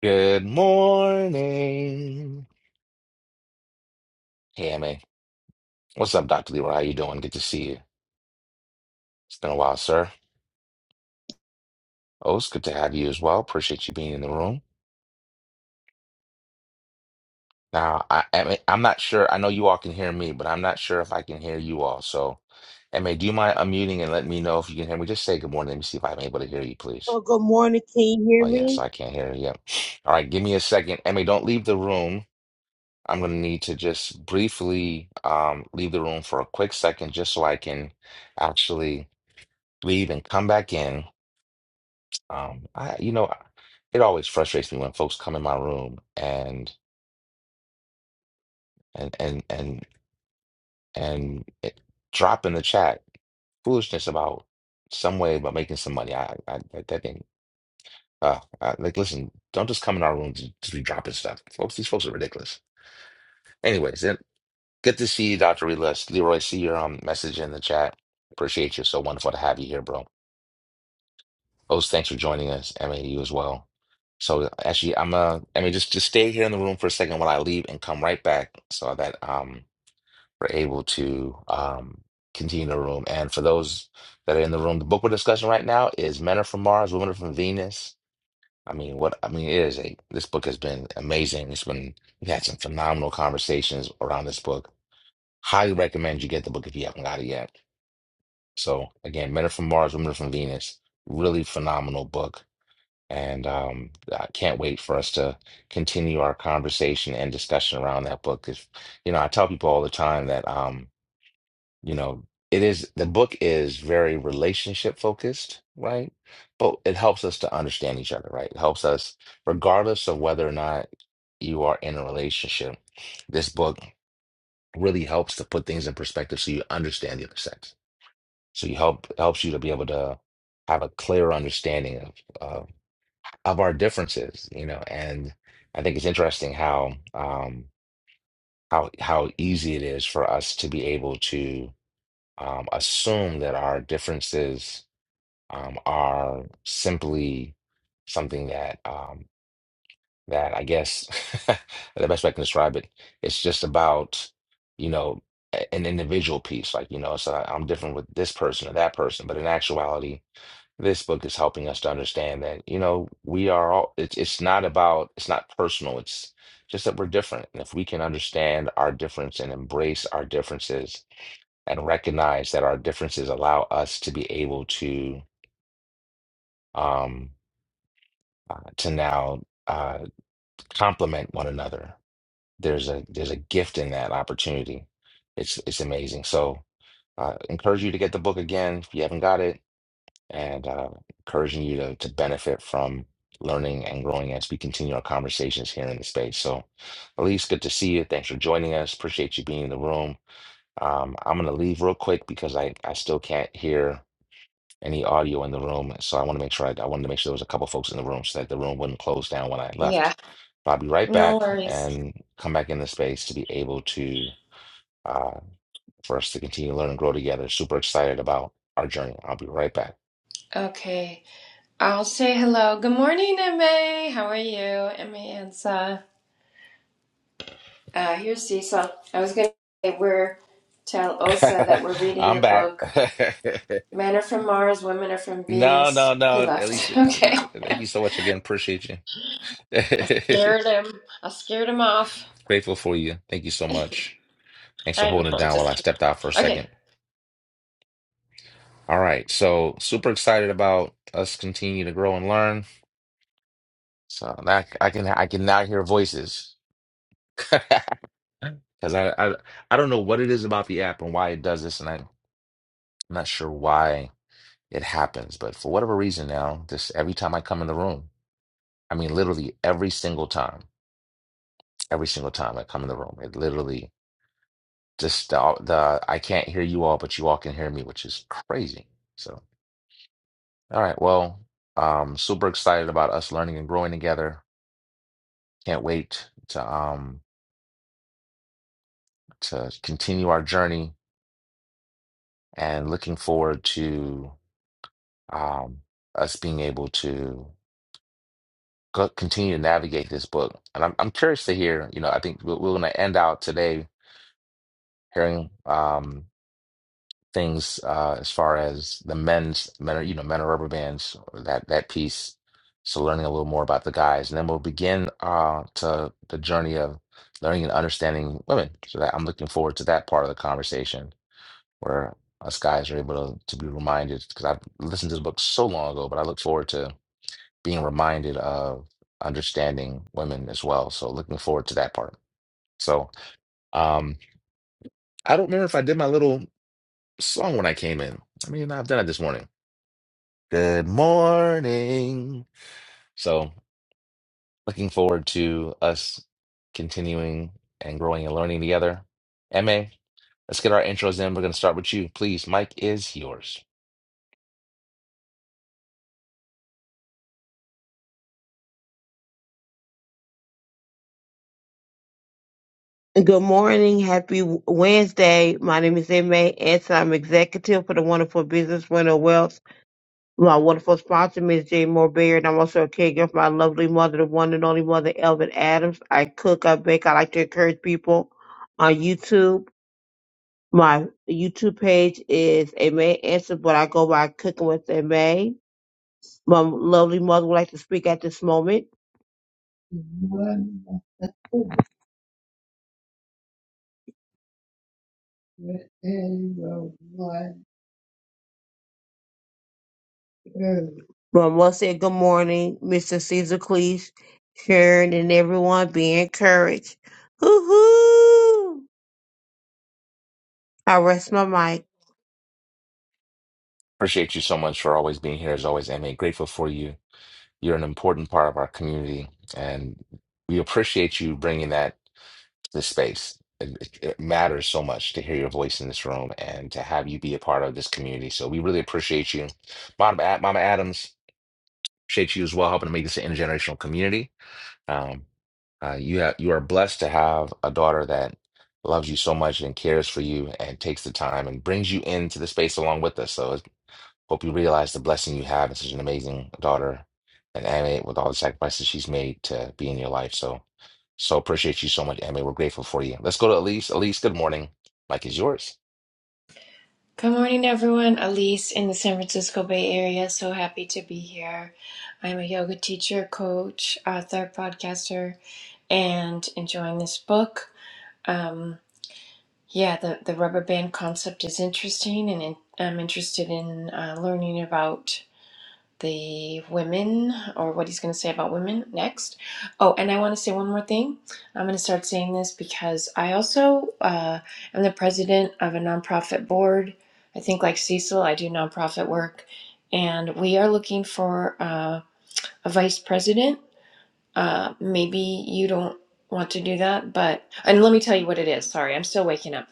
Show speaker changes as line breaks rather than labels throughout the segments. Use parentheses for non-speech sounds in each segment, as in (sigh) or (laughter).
Good morning. Hey, man. What's up, Dr. Leroy? How you doing? Good to see you. It's been a while, sir. Oh, it's good to have you as well. Appreciate you being in the room. Now, I, I mean, I'm not sure. I know you all can hear me, but I'm not sure if I can hear you all. So, MA, do you mind unmuting and let me know if you can hear me? Just say good morning. Let me see if I'm able to hear you, please.
Well, good morning. Can you hear
Oh, yes,
me?
I can't hear you. Yep. All right, give me a second. MA, don't leave the room. I'm going to need to just briefly um, leave the room for a quick second just so I can actually. leave and come back in. Um, I, you know, it always frustrates me when folks come in my room and and and and and it, drop in the chat foolishness about some way about making some money. I, I that that thing. Uh, I, like, listen, don't just come in our room to just be dropping stuff, folks. These folks are ridiculous. Anyways, then good to see you, Doctor Relis. Leroy, see your um message in the chat. Appreciate you. So wonderful to have you here, bro. Host, thanks for joining us. Emma, you as well. So actually, I'm uh, I mean, just just stay here in the room for a second while I leave and come right back so that um we're able to um continue the room. And for those that are in the room, the book we're discussing right now is Men Are From Mars, Women Are From Venus. I mean, what I mean it is a this book has been amazing. It's been we've had some phenomenal conversations around this book. Highly recommend you get the book if you haven't got it yet. So again, Men Are From Mars, Women Are From Venus, really phenomenal book and um, I can't wait for us to continue our conversation and discussion around that book. If, you know, I tell people all the time that, um, you know, it is the book is very relationship focused, right? But it helps us to understand each other, right? It helps us, regardless of whether or not you are in a relationship, this book really helps to put things in perspective so you understand the other sex. So you help helps you to be able to have a clear understanding of, of our differences, you know, and I think it's interesting how um, how how easy it is for us to be able to um, assume that our differences um, are simply something that um, that I guess (laughs) the best way I can describe it, it's just about you know a- an individual piece, like you know, so I'm different with this person or that person, but in actuality. This book is helping us to understand that, you know, we are all, it's, it's not about, it's not personal. It's just that we're different. And if we can understand our difference and embrace our differences and recognize that our differences allow us to be able to, um, uh, to now uh, complement one another. There's a there's a gift in that opportunity. It's it's amazing. So uh, encourage you to get the book again if you haven't got it and uh, encouraging you to, to benefit from learning and growing as we continue our conversations here in the space. So, Elise, good to see you. Thanks for joining us. Appreciate you being in the room. Um, I'm going to leave real quick because I, I still can't hear any audio in the room. So I want to make sure I, I wanted to make sure there was a couple folks in the room so that the room wouldn't close down when I
Yeah,
left. But I'll be right
no
back
worries.
and come back in the space to be able to uh, for us to continue to learn and grow together. Super excited about our journey. I'll be right back.
Okay, I'll say hello. Good morning, MA. How are you, MA Ansa? Uh, here's Cecil. I was gonna say we're tell Osa that we're
(laughs)
reading the
I'm back.
book
(laughs)
Men Are From Mars, Women Are From
No, no,
Venus. He
no. At least
left. (laughs) Okay.
thank you so much again. Appreciate you.
I
(laughs)
scared him. I scared him off.
Grateful for you. Thank you so
(laughs) I
much. Thanks for
know,
holding it
I'm
down while I
just
stepped out for a
okay.
second. All right. So super excited about us continue to grow and learn. So now I can I can now hear voices. (laughs) Because I, I I don't know what it is about the app and why it does this, and I, I'm not sure why it happens, but for whatever reason now, just every time I come in the room. I mean, literally every single time, every single time I come in the room, it literally just the, the I can't hear you all, but you all can hear me, which is crazy. So, all right, well, um, super excited about us learning and growing together. Can't wait to um to continue our journey and looking forward to um us being able to co- continue to navigate this book. And I'm I'm curious to hear, you know, I think we're, we're going to end out today hearing. Um, things uh, as far as the men's men are you know men are rubber bands that that piece. So learning a little more about the guys, and then we'll begin uh, to the journey of learning and understanding women. So that I'm looking forward to that part of the conversation where us guys are able to, to be reminded because I've listened to the book so long ago, but I look forward to being reminded of understanding women as well. So looking forward to that part. So um, I don't remember if I did my little song when I came in. I mean, I've done it this morning. Good morning. So, looking forward to us continuing and growing and learning together. Emma, let's get our intros in. We're going to start with you. Please, Mike is yours.
Good morning. Happy Wednesday. My name is Emma Anson. I'm executive for the Wonderful Business Winner Wealth. My wonderful sponsor, Ms. Jane Moore Baird. I'm also a caregiver for my lovely mother, the one and only mother, Elvin Adams. I cook, I bake. I like to encourage people on YouTube. My YouTube page is Aimee Anson, but I go by Cooking with Aimee. My lovely mother would like to speak at this moment. Mm. Well, once again, good morning, Mr. Caesar Cleese, Sharon, and everyone. Be encouraged. Hoo-hoo! I rest my mic.
Appreciate you so much for always being here, as always, Emma. Grateful for you. You're an important part of our community, and we appreciate you bringing that to the space. It, it it matters so much to hear your voice in this room and to have you be a part of this community. So, we really appreciate you. Mama, Ad- Mama Adams. Appreciate you as well helping to make this an intergenerational community. Um, uh, you have you are blessed to have a daughter that loves you so much and cares for you and takes the time and brings you into the space along with us. So I hope you realize the blessing you have in such an amazing daughter and Amy with all the sacrifices she's made to be in your life. So so appreciate you so much, Amy. We're grateful for you. Let's go to Elise. Elise, good morning. Mike is yours.
Good morning, everyone. Elise in the San Francisco Bay Area. So happy to be here. I'm a yoga teacher, coach, author, podcaster and enjoying this book. Um, yeah, the, the rubber band concept is interesting, and in, I'm interested in uh, learning about the women or what he's going to say about women next. Oh, and I want to say one more thing. I'm going to start saying this because I also uh, am the president of a nonprofit board. I think, like Cecil, I do nonprofit work, and we are looking for uh, a vice president uh, maybe you don't want to do that, but and let me tell you what it is. Sorry, I'm still waking up.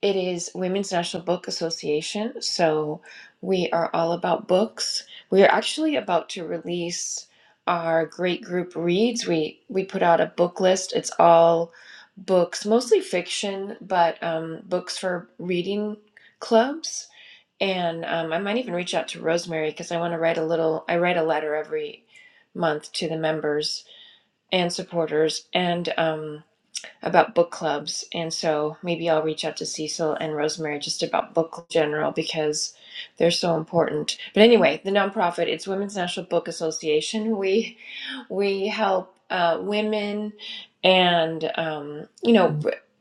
It is Women's National Book Association, so we are all about books. We are actually about to release our great group reads. We we put out a book list. It's all books, mostly fiction, but um, books for reading clubs. And um, I might even reach out to Rosemary because I want to write a little. I write a letter every month to the members and supporters and um, about book clubs. And so maybe I'll reach out to Cecil and Rosemary just about book club in general because they're so important. But anyway, the nonprofit, it's Women's National Book Association. We we help uh, women, and um, you know,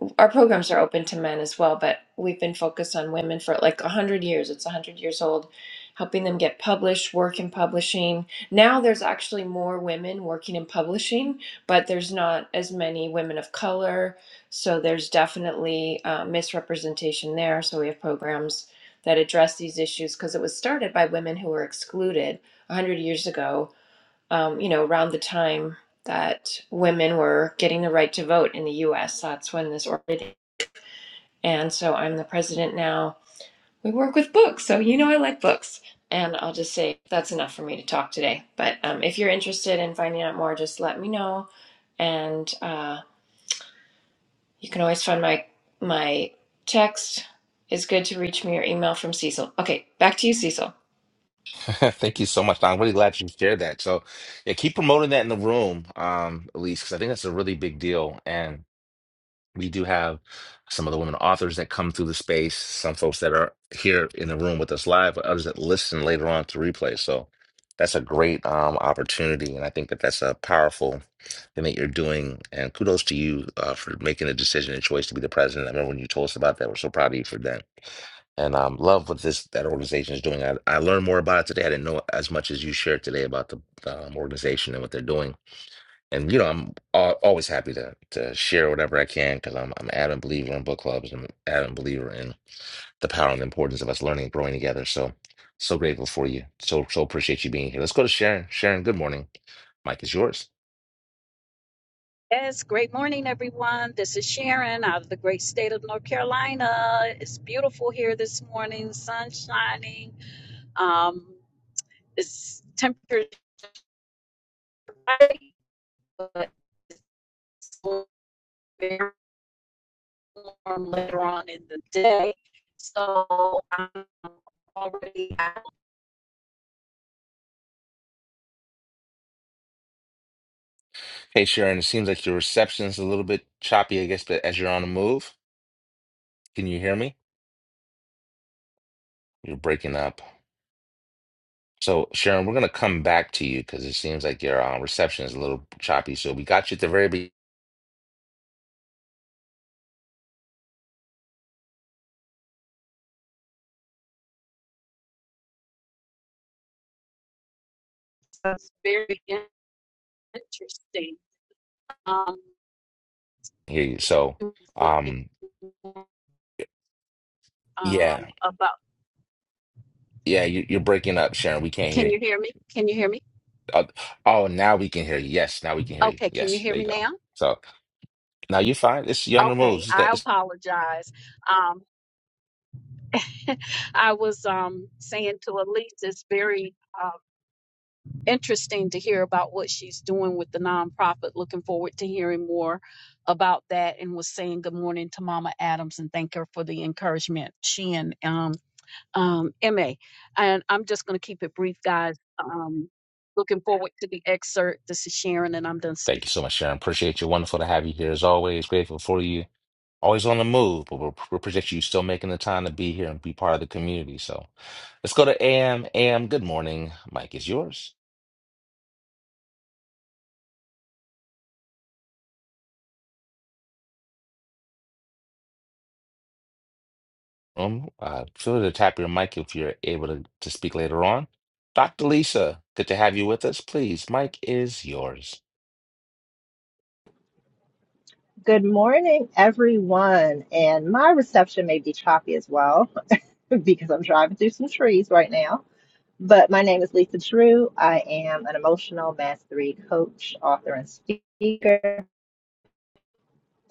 Mhm. our programs are open to men as well. But we've been focused on women for like a hundred years. It's a hundred years old, helping them get published, work in publishing. Now there's actually more women working in publishing, but there's not as many women of color. So there's definitely uh, misrepresentation there. So we have programs that address these issues because it was started by women who were excluded 100 years ago um, you know, around the time that women were getting the right to vote in the U.S. That's when this organization, and so I'm the president now. We work with books, so you know I like books. And I'll just say that's enough for me to talk today. But um, if you're interested in finding out more, just let me know. And uh, you can always find my my text It's good to reach me or email from Cecil. Okay, back to you, Cecil.
(laughs) Thank you so much, Don. I'm really glad you shared that. So, yeah, keep promoting that in the room, um, Elise, because I think that's a really big deal. And we do have some of the women authors that come through the space, some folks that are here in the room with us live, but others that listen later on to replay. So that's a great um, opportunity. And I think that that's a powerful thing that you're doing. And kudos to you uh, for making the decision and choice to be the president. I remember when you told us about that, we're so proud of you for that. And um, love what this that organization is doing. I, I learned more about it today. I didn't know as much as you shared today about the um, organization and what they're doing and you know I'm al- always happy to to share whatever I can because I'm I'm an adamant believer in book clubs. I'm an adamant believer in the power and the importance of us learning and growing together. So so grateful for you. So so appreciate you being here. Let's go to Sharon. Sharon, good morning. Mike is yours.
Yes, great morning, everyone. This is Sharon out of the great state of North Carolina. It's beautiful here this morning, sun shining. Um, it's temperature, but it's very warm later on in the day. So I'm already out.
Hey Sharon, it seems like your reception is a little bit choppy, I guess, but as you're on the move, can you hear me? You're breaking up. So Sharon, we're gonna come back to you because it seems like your uh, reception is a little choppy. So we got you at the very beginning.
So It's very interesting. Um,
Hear you. So um
um,
yeah.
about,
Yeah, you, you're breaking up, Sharon. We can't hear
can
you.
you hear me? Can you hear me?
Uh, oh, now we can hear you. Yes, now we can hear you.
Okay, can you
Yes,
hear
there you
me now?
go. So now you're fine. It's you're on the move.
Okay,
It's,
I
it's,
apologize. Um, (laughs) I was um, saying to Elise, it's very uh, interesting to hear about what she's doing with the nonprofit. Looking forward to hearing more about that. And was saying good morning to Mama Adams and thank her for the encouragement. She and um, um, Ma, and I'm just going to keep it brief, guys. Um, looking forward to the excerpt. This is Sharon, and I'm done
thank you
speaking.
so much, Sharon. Appreciate you. Wonderful to have you here as always. Grateful for you. Always on the move, but we we appreciate you still making the time to be here and be part of the community. So let's go to AM. AM, good morning. Mike is yours. Um, uh, feel free to tap your mic if you're able to, to speak later on. Dr. Lisa, good to have you with us. Please, Mike is yours.
Good morning, everyone. And my reception may be choppy as well (laughs) because I'm driving through some trees right now. But my name is Lisa Drew. I am an emotional mastery coach, author, and speaker.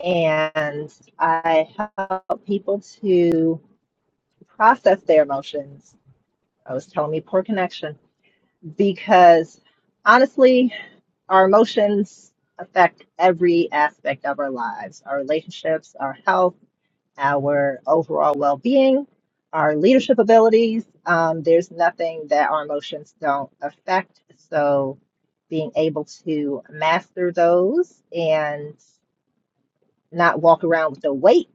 And I help people to process their emotions. I was telling me poor connection because honestly, our emotions affect every aspect of our lives, our relationships, our health our overall well being, our leadership abilities. Um, there's nothing that our emotions don't affect. So, being able to master those and not walk around with the weight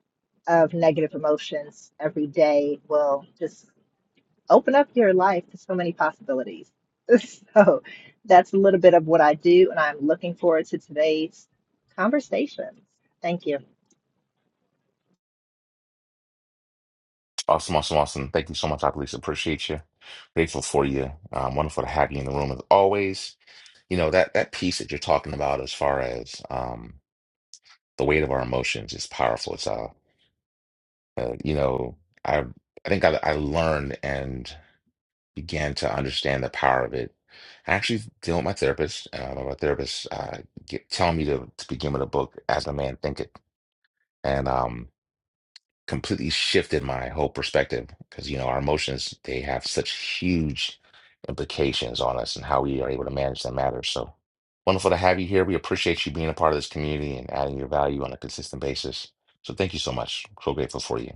of negative emotions every day will just open up your life to so many possibilities. (laughs) So, that's a little bit of what I do, and I'm looking forward to today's conversation. Thank you.
Awesome, awesome, awesome. Thank you so much, Dr. Lisa. Appreciate you. Grateful for you. Um, wonderful to have you in the room as always. You know, that that piece that you're talking about as far as um the weight of our emotions is powerful. It's uh, uh you know, I I think I I learned and began to understand the power of it. I actually dealing with my therapist. Uh, my therapist uh get, telling me to, to begin with a book, As a Man Thinketh. And um completely shifted my whole perspective because you know our emotions they have such huge implications on us and how we are able to manage that matter so wonderful to have you here we appreciate you being a part of this community and adding your value on a consistent basis so thank you so much so grateful for you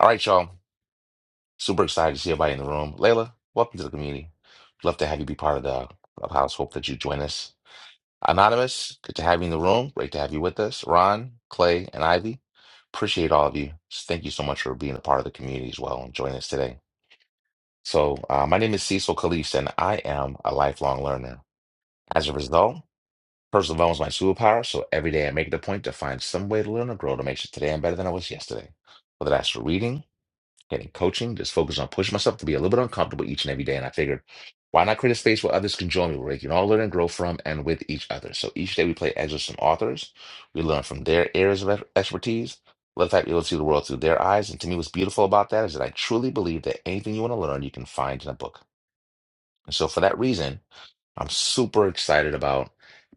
all right y'all super excited to see everybody in the room layla welcome to the community love to have you be part of the clubhouse hope that you join us Anonymous, good to have you in the room. Great to have you with us. Ron, Clay, and Ivy, appreciate all of you. Thank you so much for being a part of the community as well and joining us today. So, uh, my name is Cecil Calise, and I am a lifelong learner. As a result, personal development is my superpower. So, every day I make it a point to find some way to learn or grow to make sure today I'm better than I was yesterday. Whether that's for reading, getting coaching, just focus on pushing myself to be a little bit uncomfortable each and every day. And I figured, why not create a space where others can join me, where they can all learn and grow from and with each other. So each day we play excerpts from authors. We learn from their areas of expertise. Let the fact be able to see the world through their eyes. And to me, what's beautiful about that is that I truly believe that anything you want to learn, you can find in a book. And so for that reason, I'm super excited about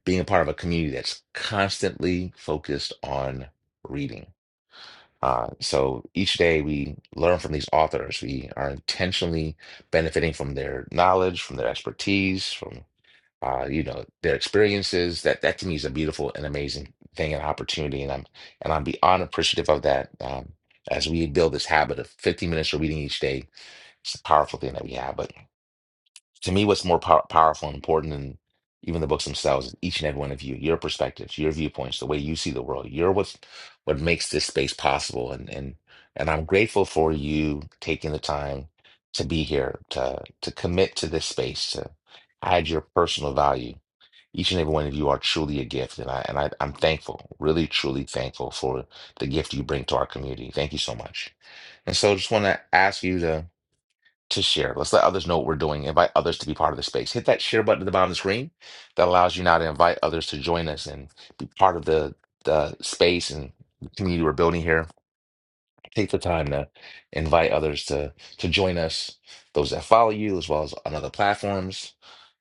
being a part of a community that's constantly focused on reading uh, so each day we learn from these authors. We are intentionally benefiting from their knowledge, from their expertise, from uh, you know their experiences. That that to me is a beautiful and amazing thing and opportunity, and I'm and I'm beyond appreciative of that. Um, as we build this habit of 15 minutes of reading each day, it's a powerful thing that we have. But to me, what's more pow- powerful and important than even the books themselves is each and every one of you, your perspectives, your viewpoints, the way you see the world. You're what's what makes this space possible. And and and I'm grateful for you taking the time to be here, to to commit to this space, to add your personal value. Each and every one of you are truly a gift, and I and I, I'm thankful, really truly thankful for the gift you bring to our community. Thank you so much. And so, just want to ask you to to share. Let's let others know what we're doing. Invite others to be part of the space. Hit that share button at the bottom of the screen that allows you now to invite others to join us and be part of the, the space and the community we're building here. Take the time to invite others to to join us, those that follow you, as well as on other platforms.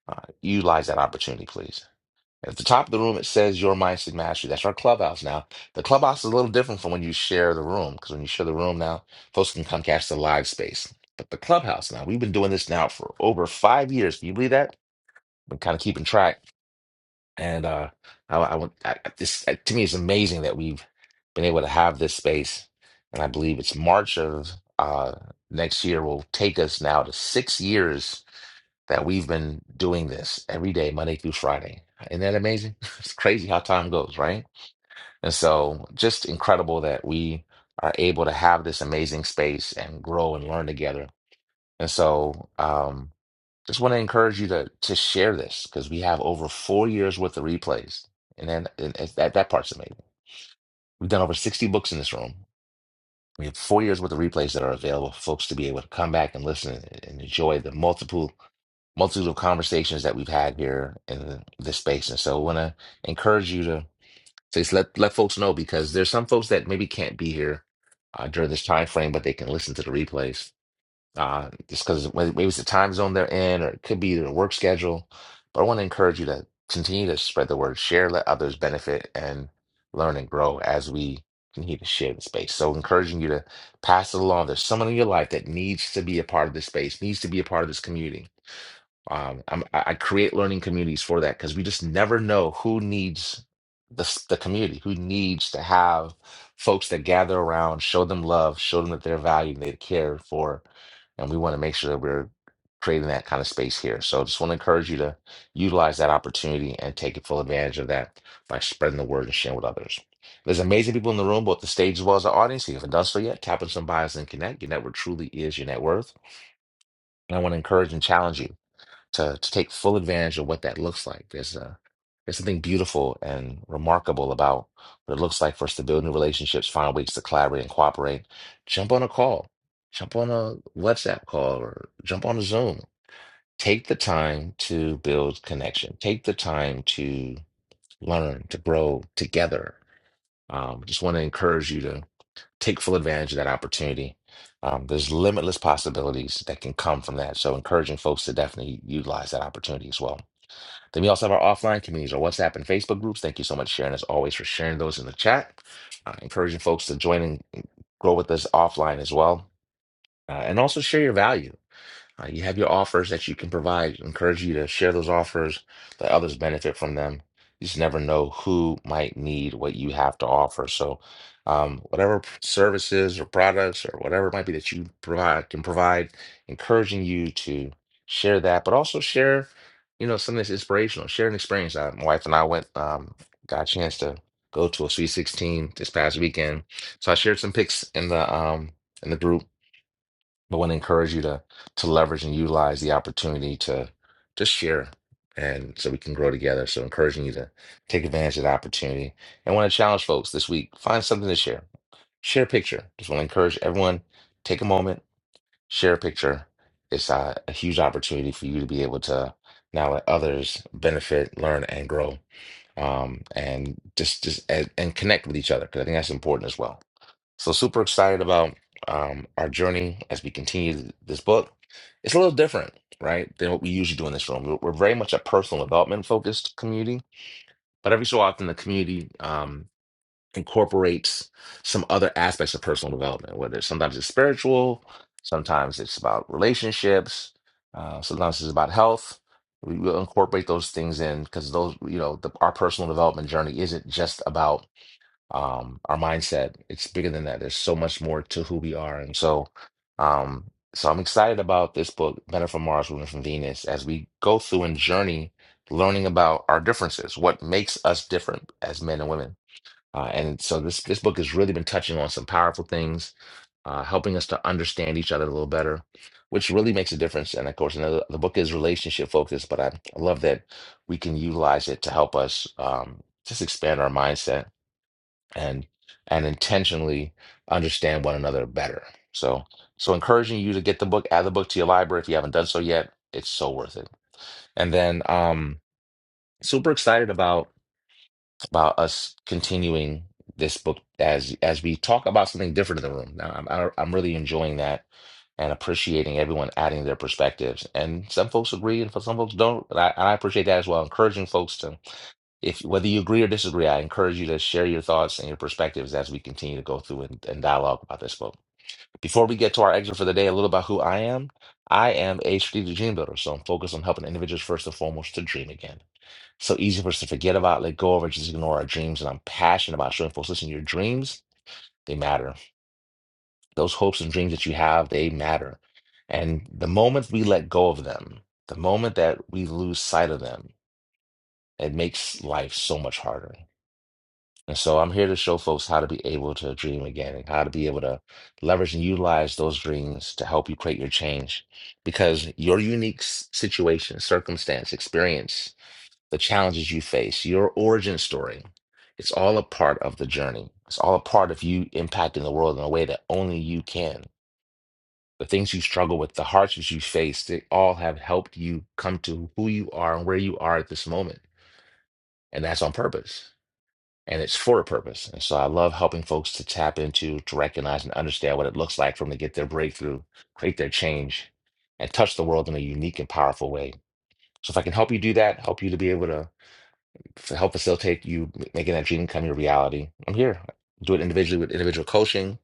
Uh, utilize that opportunity, please. At the top of the room, it says Your Mindset Mastery. That's our clubhouse now. The clubhouse is a little different from when you share the room, because when you share the room now, folks can come catch the live space. But the clubhouse now, we've been doing this now for over five years. Can you believe that? Been kind of keeping track. And uh, I, I, want- I, this, uh, to me, it's amazing that we've been able to have this space. And I believe it's March of uh, next year will take us now to six years that we've been doing this every day, Monday through Friday. Isn't that amazing? (laughs) It's crazy how time goes, right? And so, just incredible that we are able to have this amazing space and grow and learn together. And so, um, just want to encourage you to to share this because we have over four years worth of replays, and then and it's- that that part's amazing. We've done over sixty books in this room. We have four years worth of replays that are available for folks to be able to come back and listen and enjoy the multiple multitude of conversations that we've had here in this space. And so I want to encourage you to say, let, let folks know because there's some folks that maybe can't be here uh, during this time frame, but they can listen to the replays. Uh, just because maybe it's the time zone they're in, or it could be their work schedule. But I want to encourage you to continue to spread the word, share, let others benefit, and learn and grow as we continue to share the space. So, encouraging you to pass it along. There's someone in your life that needs to be a part of this space, needs to be a part of this community um, I'm, I I create learning communities for that because we just never know who needs the, s- the community, who needs to have folks that gather around, show them love, show them that they're valued, they're cared for. And we want to make sure that we're creating that kind of space here. So just want to encourage you to utilize that opportunity and take full advantage of that by spreading the word and sharing with others. There's amazing people in the room, both the stage as well as the audience. If you haven't done so yet, tap on some bios and connect. Your network truly is your net worth. And I want to encourage and challenge you to to take full advantage of what that looks like. There's a there's something beautiful and remarkable about what it looks like for us to build new relationships, find ways to collaborate and cooperate. Jump on a call, jump on a WhatsApp call, or jump on a Zoom. Take the time to build connection. Take the time to learn, to grow together. Um, just want to encourage you to take full advantage of that opportunity. Um, there's limitless possibilities that can come from that. So, encouraging folks to definitely utilize that opportunity as well. Then we also have our offline communities, our WhatsApp and Facebook groups. Thank you so much, Sharon, as always, for sharing those in the chat. Uh, encouraging folks to join and grow with us offline as well. Uh, and also share your value. Uh, you have your offers that you can provide. encourage you to share those offers, let others benefit from them. You just never know who might need what you have to offer. So, um, whatever p- services or products or whatever it might be that you provide can provide, encouraging you to share that, but also share, you know, something that's inspirational. Share an experience. Uh, my wife and I went, um, got a chance to go to a Sweet 16 this past weekend, so I shared some pics in the um in the group but I want to encourage you to to leverage and utilize the opportunity to to share and so we can grow together so encouraging you to take advantage of the opportunity and I want to challenge folks this week find something to share share a picture just want to encourage everyone take a moment share a picture it's uh, a huge opportunity for you to be able to now let others benefit learn and grow um, and just just and, and connect with each other because i think that's important as well so super excited about um, our journey as we continue this book. It's a little different, right, than what we usually do in this room. We're we're very much a personal development focused community, but every so often the community um, incorporates some other aspects of personal development, whether it's, sometimes it's spiritual, sometimes it's about relationships, uh, sometimes it's about health. We will incorporate those things in because those, you know, the, our personal development journey isn't just about um, our mindset. It's bigger than that. There's so much more to who we are. And so, um, so I'm excited about this book, Men from Mars, Women from Venus, as we go through and journey learning about our differences, what makes us different as men and women. Uh, and so this this book has really been touching on some powerful things, uh, helping us to understand each other a little better, which really makes a difference. And of course, another, the book is relationship focused, but I, I love that we can utilize it to help us um, just expand our mindset and and intentionally understand one another better. So so encouraging you to get the book, add the book to your library if you haven't done so yet. It's so worth it. And then um super excited about about us continuing this book as as we talk about something different in the room. Now I'm I'm really enjoying that and appreciating everyone adding their perspectives. And some folks agree and for some folks don't. And I, and I appreciate that as well. Encouraging folks to if whether you agree or disagree, I encourage you to share your thoughts and your perspectives as we continue to go through and, and dialogue about this book. Before we get to our exit for the day, a little about who I am. I am a strategic dream builder, so I'm focused on helping individuals first and foremost to dream again. So easy for us to forget about, let go of, or just ignore our dreams. And I'm passionate about showing folks, listen, your dreams, they matter. Those hopes and dreams that you have, they matter. And the moment we let go of them, the moment that we lose sight of them, it makes life so much harder. And so I'm here to show folks how to be able to dream again and how to be able to leverage and utilize those dreams to help you create your change. Because your unique s- situation, circumstance, experience, the challenges you face, your origin story, it's all a part of the journey. It's all a part of you impacting the world in a way that only you can. The things you struggle with, the hardships you face, they all have helped you come to who you are and where you are at this moment. And that's on purpose and it's for a purpose. And so I love helping folks to tap into, to recognize, and understand what it looks like for them to get their breakthrough, create their change, and touch the world in a unique and powerful way. So if I can help you do that, help you to be able to f- help facilitate you m- making that dream come your reality, I'm here. Do it individually with individual coaching.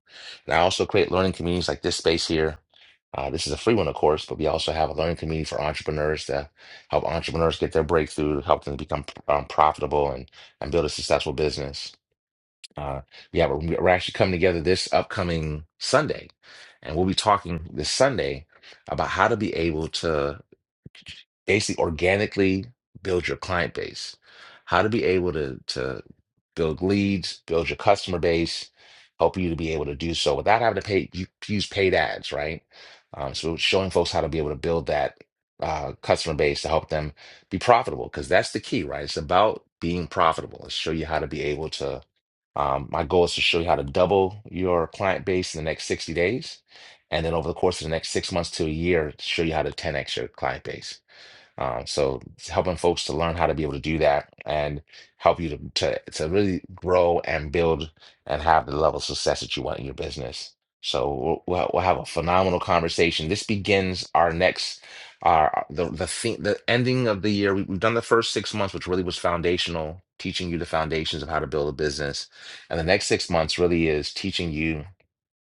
And I also create learning communities like this space here. Uh, this is a free one, of course, but we also have a learning community for entrepreneurs to help entrepreneurs get their breakthrough, help them to become um, profitable and, and build a successful business. Uh, yeah, we're, we're actually coming together this upcoming Sunday, and we'll be talking this Sunday about how to be able to basically organically build your client base, how to be able to to build leads, build your customer base, help you to be able to do so without having to pay you use paid ads, right? Um, so showing folks how to be able to build that uh, customer base to help them be profitable because that's the key, right? It's about being profitable. It's show you how to be able to. Um, my goal is to show you how to double your client base in the next 60 days. And then over the course of the next six months to a year, show you how to 10x your client base. Um, so it's helping folks to learn how to be able to do that and help you to, to to really grow and build and have the level of success that you want in your business. So we'll, we'll we'll have a phenomenal conversation. This begins our next our the the thing the ending of the year. We, we've done the first six months, which really was foundational, teaching you the foundations of how to build a business, and the next six months really is teaching you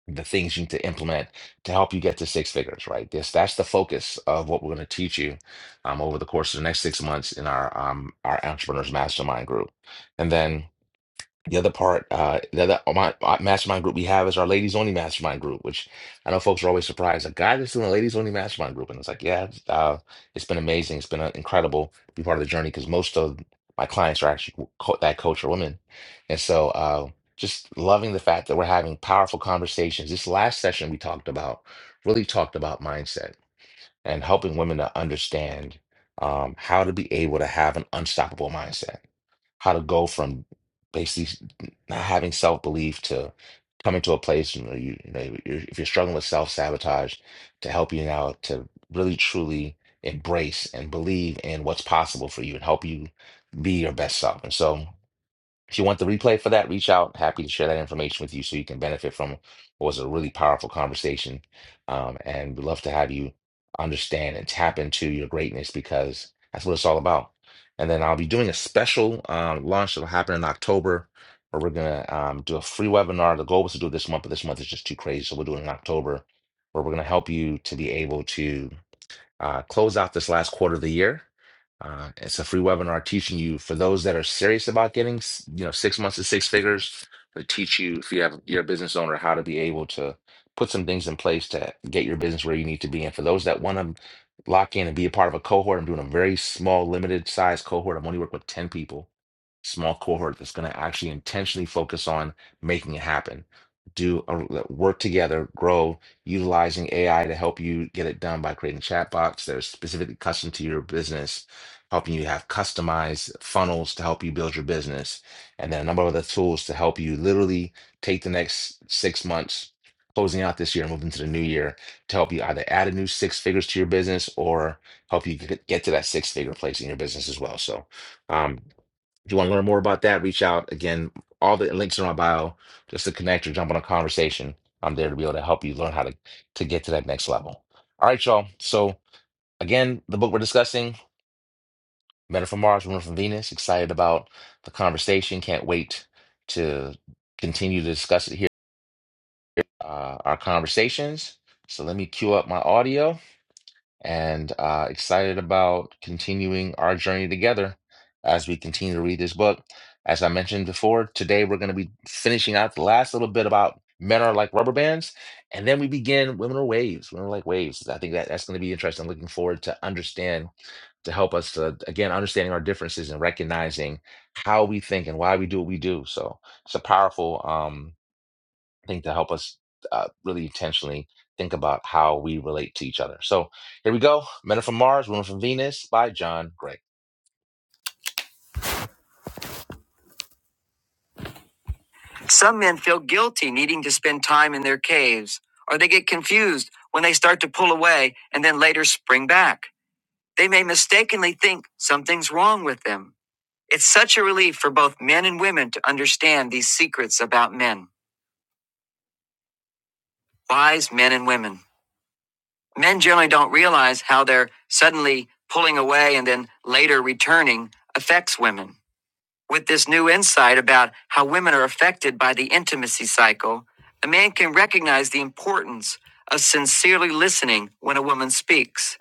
the things you need to implement to help you get to six figures, right? This that's the focus of what we're going to teach you um, over the course of the next six months in our um, our entrepreneurs mastermind group, and then. The other part, uh, the other, uh, my, my mastermind group we have is our ladies only mastermind group, which I know folks are always surprised. a guy this doing a ladies only mastermind group, and it's like, yeah, it's, uh, it's been amazing. It's been uh, incredible to be part of the journey because most of my clients are actually co that coach are women, and so uh, just loving the fact that we're having powerful conversations. This last session we talked about really talked about mindset and helping women to understand um, how to be able to have an unstoppable mindset how to go from basically not having self-belief to coming to a place, you know, you, you know, you're, if you're struggling with self-sabotage, to help you now to really truly embrace and believe in what's possible for you and help you be your best self. And so if you want the replay for that, reach out. Happy to share that information with you so you can benefit from what was a really powerful conversation. Um, and we'd love to have you understand and tap into your greatness because that's what it's all about. And then I'll be doing a special um, launch that'll happen in October where we're going to um, do a free webinar. The goal was to do it this month, but this month is just too crazy. So we will do it in October where we're going to help you to be able to uh, close out this last quarter of the year. Uh, it's a free webinar teaching you for those that are serious about getting, s- you know, six months to six figures. We teach you if you have you're a business owner how to be able to put some things in place to get your business where you need to be. And for those that want to lock in and be a part of a cohort, I'm doing a very small, limited size cohort. I'm only working with ten people, small cohort that's going to actually intentionally focus on making it happen. Do a, work together, grow, utilizing AI to help you get it done by creating chatbots that are specifically custom to your business, helping you have customized funnels to help you build your business, and then a number of other tools to help you literally take the next six months, closing out this year and moving to the new year, to help you either add a new six figures to your business or help you get get to that six figure place in your business as well. So, um, if you want to learn more about that, reach out. Again, all the links are in my bio. Just to connect or jump on a conversation. I'm there to be able to help you learn how to, to get to that next level. All right, y'all. So again, the book we're discussing, Men Are from Mars, Women Are from Venus. Excited about the conversation. Can't wait to continue to discuss it here. Uh, our conversations. So let me cue up my audio. and uh, excited about continuing our journey together as we continue to read this book. As I mentioned before, today we're going to be finishing out the last little bit about men are like rubber bands, and then we begin women are waves. Women are like waves. I think that that's going to be interesting. I'm looking forward to understand to help us to again understanding our differences and recognizing how we think and why we do what we do. So it's a powerful. Um, I think, to help us uh, really intentionally think about how we relate to each other. So here we go Men are from Mars, Women Are from Venus by John Gray. Some men feel guilty needing to spend time in their caves, or they get confused when they start to pull away and then later spring back. They may mistakenly think something's wrong with them. It's such a relief for both men and women to understand these secrets about men. Wise men and women. Men generally don't realize how their suddenly pulling away and then later returning affects women. With this new insight about how women are affected by the intimacy cycle, a man can recognize the importance of sincerely listening when a woman speaks.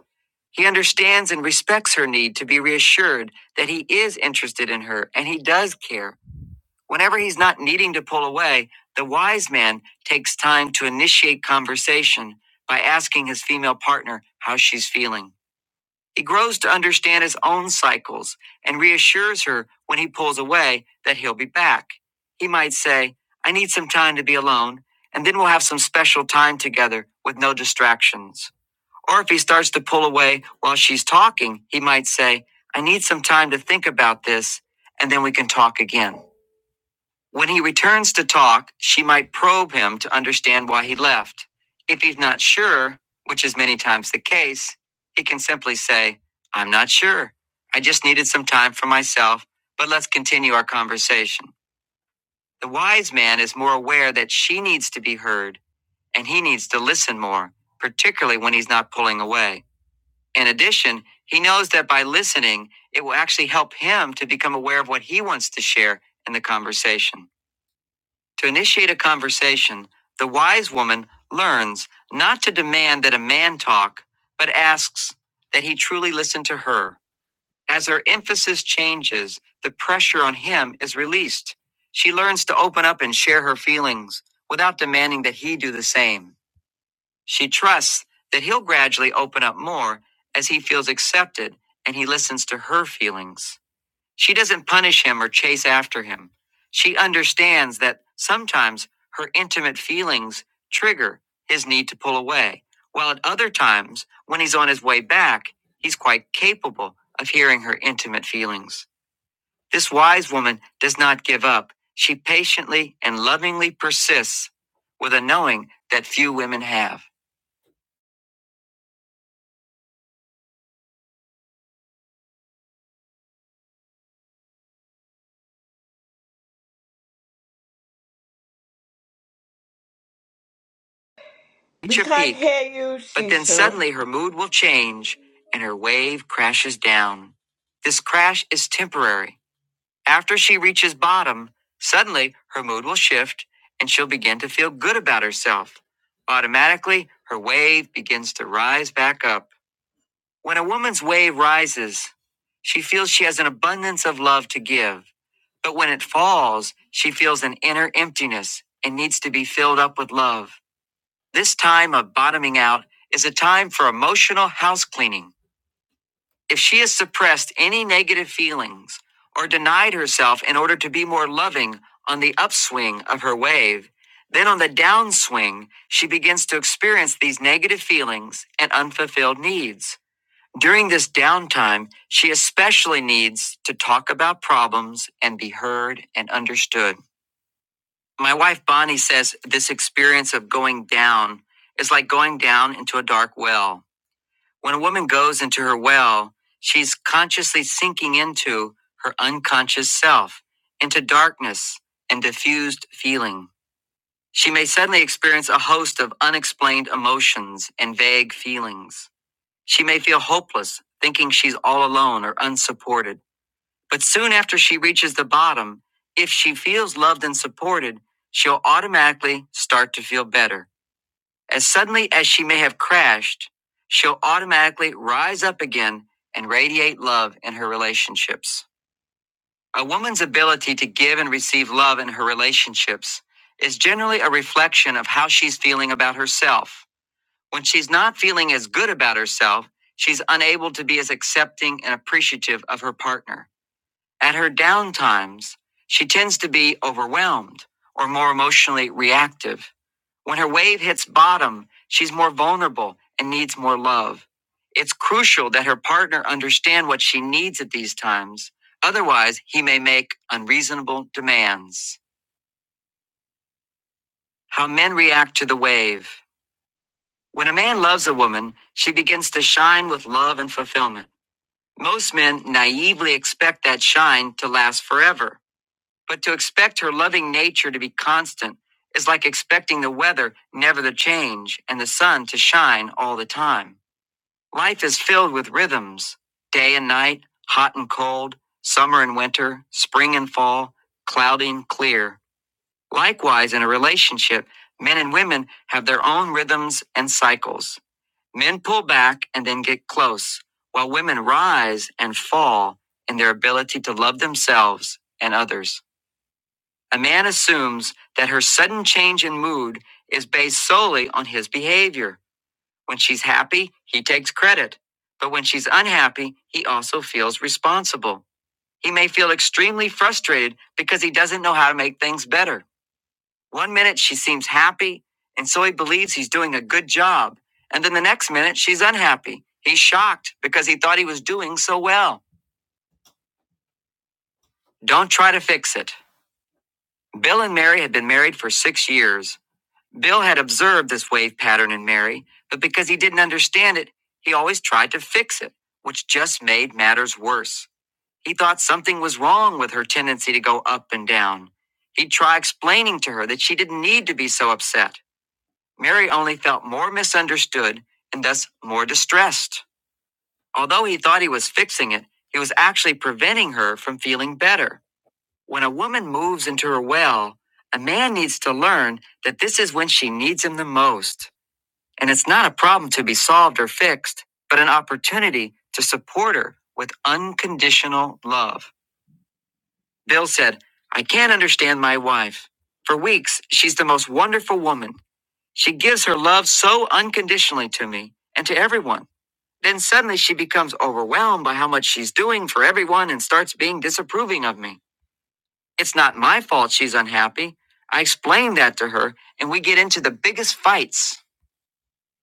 He understands and respects her need to be reassured that he is interested in her and he does care Whenever he's not needing to pull away, the wise man takes time to initiate conversation by asking his female partner how she's feeling. He grows to understand his own cycles and reassures her when he pulls away that he'll be back. He might say, I need some time to be alone, and then we'll have some special time together with no distractions. Or if he starts to pull away while she's talking, he might say, I need some time to think about this, and then we can talk again. When he returns to talk, she might probe him to understand why he left. If he's not sure, which is many times the case, he can simply say, I'm not sure. I just needed some time for myself, but let's continue our conversation. The wise man is more aware that she needs to be heard and he needs to listen more, particularly when he's not pulling away. In addition, he knows that by listening, it will actually help him to become aware of what he wants to share in the conversation. To initiate a conversation, the wise woman learns not to demand that a man talk, but asks that he truly listen to her. As her emphasis changes, the pressure on him is released. She learns to open up and share her feelings without demanding that he do the same. She trusts that he'll gradually open up more as he feels accepted and he listens to her feelings. She doesn't punish him or chase after him. She understands that sometimes her intimate feelings trigger his need to pull away, while at other times, when he's on his way back, he's quite capable of hearing her intimate feelings. This wise woman does not give up. She patiently and lovingly persists with a knowing that few women have.
We
Reach a
can't
peak,
hear you,
but then
Cecil.
suddenly her mood will change and her wave crashes down. This crash is temporary After she reaches bottom, suddenly her mood will shift and she'll begin to feel good about herself. Automatically, her wave begins to rise back up. When a woman's wave rises, she feels she has an abundance of love to give. But when it falls, she feels an inner emptiness and needs to be filled up with love. This time of bottoming out is a time for emotional house cleaning. If she has suppressed any negative feelings or denied herself in order to be more loving on the upswing of her wave, then on the downswing, she begins to experience these negative feelings and unfulfilled needs. During this downtime, she especially needs to talk about problems and be heard and understood. My wife Bonnie says this experience of going down is like going down into a dark well. When a woman goes into her well, she's consciously sinking into her unconscious self, into darkness and diffused feeling. She may suddenly experience a host of unexplained emotions and vague feelings. She may feel hopeless, thinking she's all alone or unsupported. But soon after she reaches the bottom, if she feels loved and supported, she'll automatically start to feel better. As suddenly as she may have crashed, she'll automatically rise up again and radiate love in her relationships. A woman's ability to give and receive love in her relationships is generally a reflection of how she's feeling about herself. When she's not feeling as good about herself, she's unable to be as accepting and appreciative of her partner. At her down times, she tends to be overwhelmed or more emotionally reactive. When her wave hits bottom, she's more vulnerable and needs more love. It's crucial that her partner understand what she needs at these times. Otherwise, he may make unreasonable demands. How men react to the wave. When a man loves a woman, she begins to shine with love and fulfillment. Most men naively expect that shine to last forever. But to expect her loving nature to be constant is like expecting the weather never to change and the sun to shine all the time. Life is filled with rhythms day and night, hot and cold, summer and winter, spring and fall, cloudy and clear. Likewise, in a relationship, men and women have their own rhythms and cycles. Men pull back and then get close, while women rise and fall in their ability to love themselves and others. A man assumes that her sudden change in mood is based solely on his behavior. When she's happy, he takes credit. But when she's unhappy, he also feels responsible. He may feel extremely frustrated because he doesn't know how to make things better. One minute she seems happy, and so he believes he's doing a good job. And then the next minute she's unhappy. He's shocked because he thought he was doing so well. Don't try to fix it. Bill and Mary had been married for six years. Bill had observed this wave pattern in Mary, but because he didn't understand it, he always tried to fix it, which just made matters worse. He thought something was wrong with her tendency to go up and down. He'd try explaining to her that she didn't need to be so upset. Mary only felt more misunderstood and thus more distressed. Although he thought he was fixing it, he was actually preventing her from feeling better. When a woman moves into her well, a man needs to learn that this is when she needs him the most. And it's not a problem to be solved or fixed, but an opportunity to support her with unconditional love. Bill said, I can't understand my wife. For weeks, she's the most wonderful woman. She gives her love so unconditionally to me and to everyone. Then suddenly she becomes overwhelmed by how much she's doing for everyone and starts being disapproving of me. It's not my fault she's unhappy. I explain that to her, and we get into the biggest fights.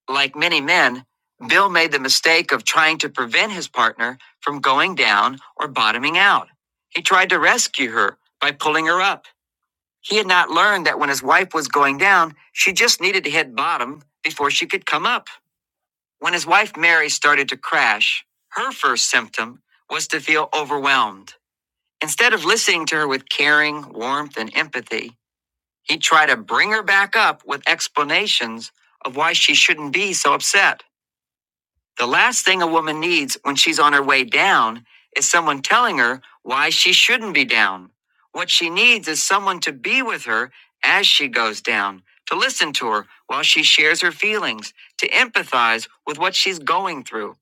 Like many men, Bill made the mistake of trying to prevent his partner from going down or bottoming out. He tried to rescue her by pulling her up. He had not learned that when his wife was going down, she just needed to hit bottom before she could come up. When his wife Mary started to crash, her first symptom was to feel overwhelmed. Instead of listening to her with caring, warmth, and empathy, he tried to bring her back up with explanations of why she shouldn't be so upset. The last thing a woman needs when she's on her way down is someone telling her why she shouldn't be down. What she needs is someone to be with her as she goes down, to listen to her while she shares her feelings, to empathize with what she's going through.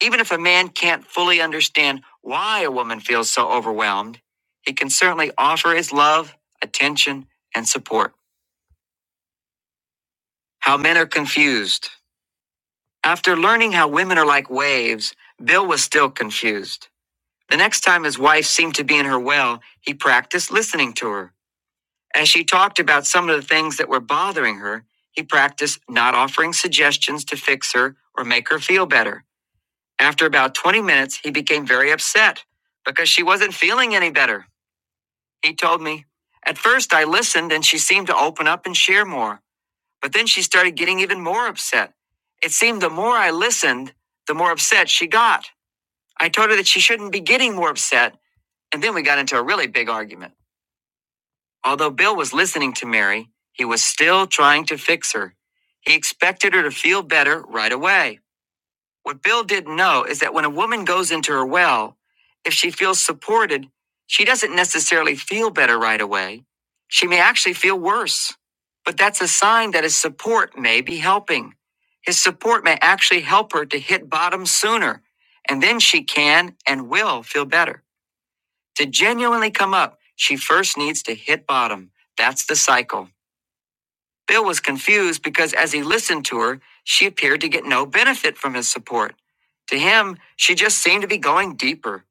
Even if a man can't fully understand why a woman feels so overwhelmed, he can certainly offer his love, attention, and support. How men are confused. After learning how women are like waves, Bill was still confused. The next time his wife seemed to be in her well, he practiced listening to her. As she talked about some of the things that were bothering her, he practiced not offering suggestions to fix her or make her feel better. After about 20 minutes, he became very upset because she wasn't feeling any better. He told me, At first, I listened and she seemed to open up and share more, but then she started getting even more upset. It seemed the more I listened, the more upset she got. I told her that she shouldn't be getting more upset and then we got into a really big argument. Although Bill was listening to Mary, he was still trying to fix her. He expected her to feel better right away. What Bill didn't know is that when a woman goes into her well, if she feels supported, she doesn't necessarily feel better right away. She may actually feel worse. But that's a sign that his support may be helping. His support may actually help her to hit bottom sooner, and then she can and will feel better. To genuinely come up, she first needs to hit bottom. That's the cycle. Bill was confused because as he listened to her, she appeared to get no benefit from his support. To him, she just seemed to be going deeper.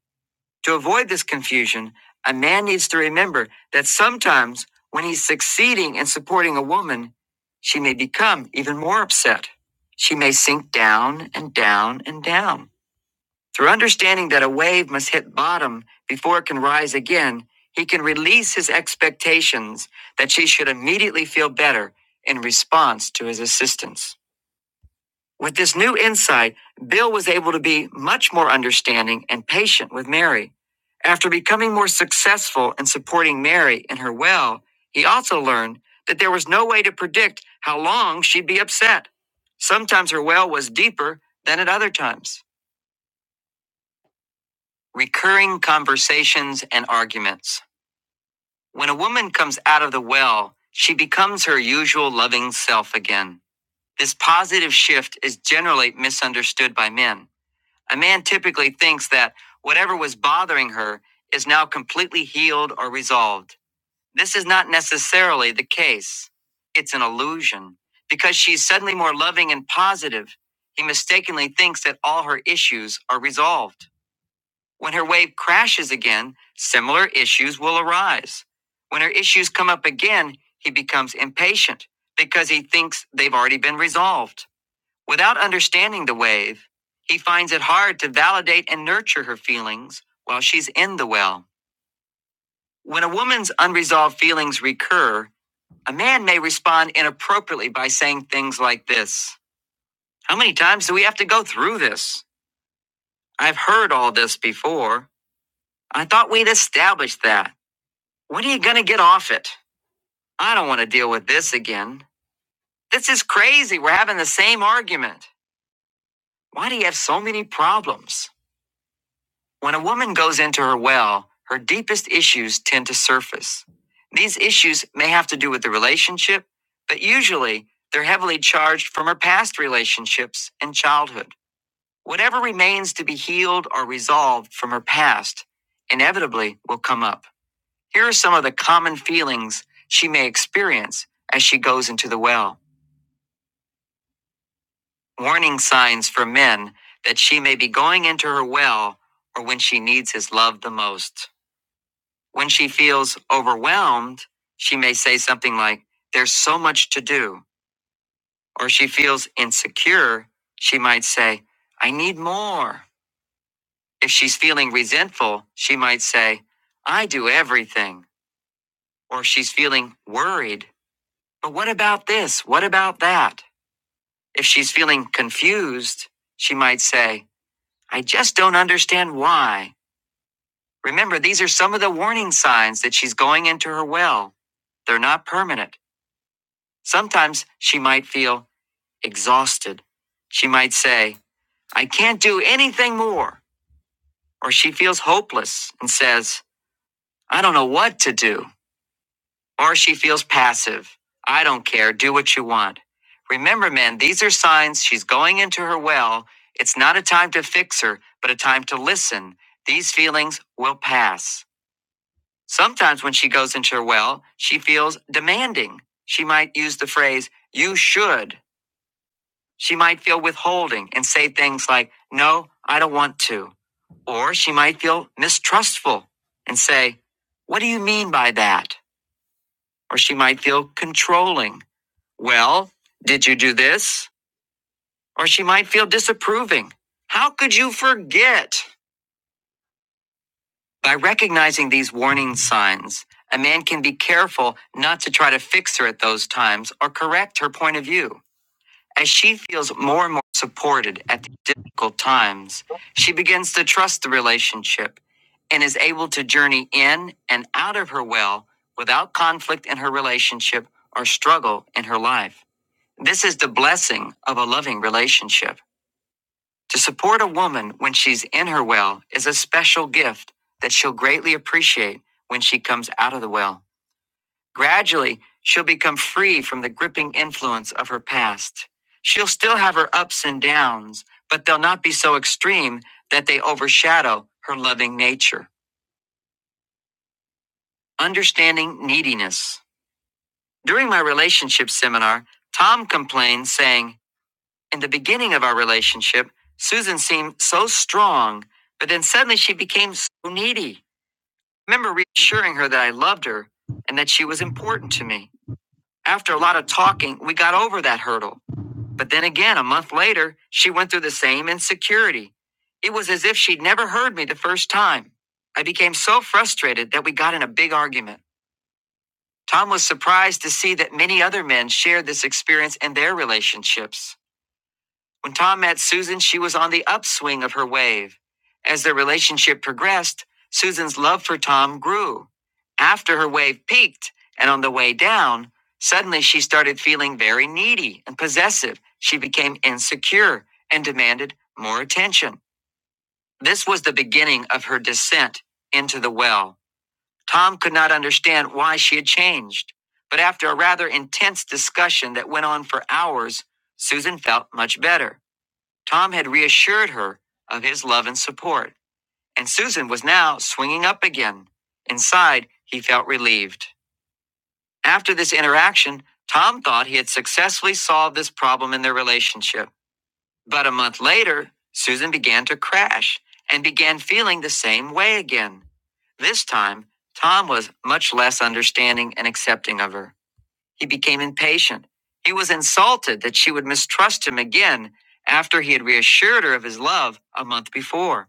To avoid this confusion, a man needs to remember that sometimes when he's succeeding in supporting a woman, she may become even more upset. She may sink down and down and down. Through understanding that a wave must hit bottom before it can rise again, he can release his expectations that she should immediately feel better in response to his assistance. With this new insight, Bill was able to be much more understanding and patient with Mary. After becoming more successful in supporting Mary in her well, he also learned that there was no way to predict how long she'd be upset. Sometimes her well was deeper than at other times. Recurring conversations and arguments. When a woman comes out of the well, she becomes her usual loving self again. This positive shift is generally misunderstood by men. A man typically thinks that whatever was bothering her is now completely healed or resolved. This is not necessarily the case. It's an illusion. Because she's suddenly more loving and positive, he mistakenly thinks that all her issues are resolved. When her wave crashes again, similar issues will arise. When her issues come up again, he becomes impatient because he thinks they've already been resolved. Without understanding the wave, he finds it hard to validate and nurture her feelings while she's in the well. When a woman's unresolved feelings recur, a man may respond inappropriately by saying things like this How many times do we have to go through this? I've heard all this before. I thought we'd established that. When are you going to get off it? I don't want to deal with this again. This is crazy. We're having the same argument. Why do you have so many problems? When a woman goes into her well, her deepest issues tend to surface. These issues may have to do with the relationship, but usually they're heavily charged from her past relationships and childhood. Whatever remains to be healed or resolved from her past inevitably will come up. Here are some of the common feelings she may experience as she goes into the well. Warning signs for men that she may be going into her well or when she needs his love the most. When she feels overwhelmed, she may say something like, There's so much to do. Or she feels insecure, she might say, I need more. If she's feeling resentful, she might say, I do everything. Or she's feeling worried, But what about this? What about that? If she's feeling confused, she might say, I just don't understand why. Remember, these are some of the warning signs that she's going into her well. They're not permanent. Sometimes she might feel exhausted. She might say, I can't do anything more. Or she feels hopeless and says, I don't know what to do. or she feels passive. I don't care. Do what you want. Remember, men, these are signs she's going into her well. It's not a time to fix her, but a time to listen. These feelings will pass. Sometimes when she goes into her well, she feels demanding. She might use the phrase, you should. She might feel withholding and say things like, no, I don't want to. Or she might feel mistrustful and say, what do you mean by that? Or she might feel controlling. Well, did you do this? Or she might feel disapproving. How could you forget? By recognizing these warning signs, a man can be careful not to try to fix her at those times or correct her point of view. As she feels more and more supported at these difficult times, she begins to trust the relationship and is able to journey in and out of her well without conflict in her relationship or struggle in her life. This is the blessing of a loving relationship. To support a woman when she's in her well is a special gift that she'll greatly appreciate when she comes out of the well. Gradually, she'll become free from the gripping influence of her past. She'll still have her ups and downs, but they'll not be so extreme that they overshadow her loving nature. Understanding neediness. During my relationship seminar, Tom complained, saying, In the beginning of our relationship, Susan seemed so strong, but then suddenly she became so needy. I remember reassuring her that I loved her and that she was important to me. After a lot of talking, we got over that hurdle. But then again, a month later, she went through the same insecurity. It was as if she'd never heard me the first time. I became so frustrated that we got in a big argument. Tom was surprised to see that many other men shared this experience in their relationships. When Tom met Susan, she was on the upswing of her wave. As their relationship progressed, Susan's love for Tom grew. After her wave peaked and on the way down, suddenly she started feeling very needy and possessive. She became insecure and demanded more attention. This was the beginning of her descent into the well. Tom could not understand why she had changed, but after a rather intense discussion that went on for hours, Susan felt much better. Tom had reassured her of his love and support, and Susan was now swinging up again. Inside, he felt relieved. After this interaction, Tom thought he had successfully solved this problem in their relationship. But a month later, Susan began to crash and began feeling the same way again. This time, Tom was much less understanding and accepting of her. He became impatient. He was insulted that she would mistrust him again after he had reassured her of his love a month before.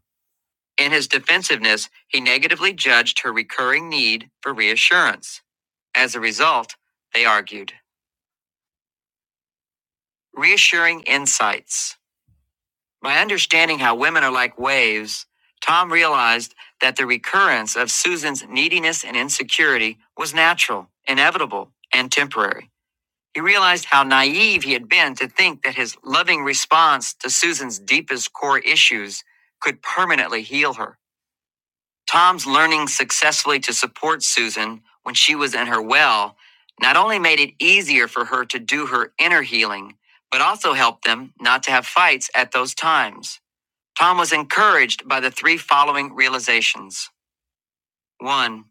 In his defensiveness, he negatively judged her recurring need for reassurance. As a result, they argued. Reassuring insights. By understanding how women are like waves, Tom realized that the recurrence of Susan's neediness and insecurity was natural, inevitable, and temporary. He realized how naive he had been to think that his loving response to Susan's deepest core issues could permanently heal her. Tom's learning successfully to support Susan when she was in her well not only made it easier for her to do her inner healing, but also helped them not to have fights at those times. Tom was encouraged by the three following realizations. One,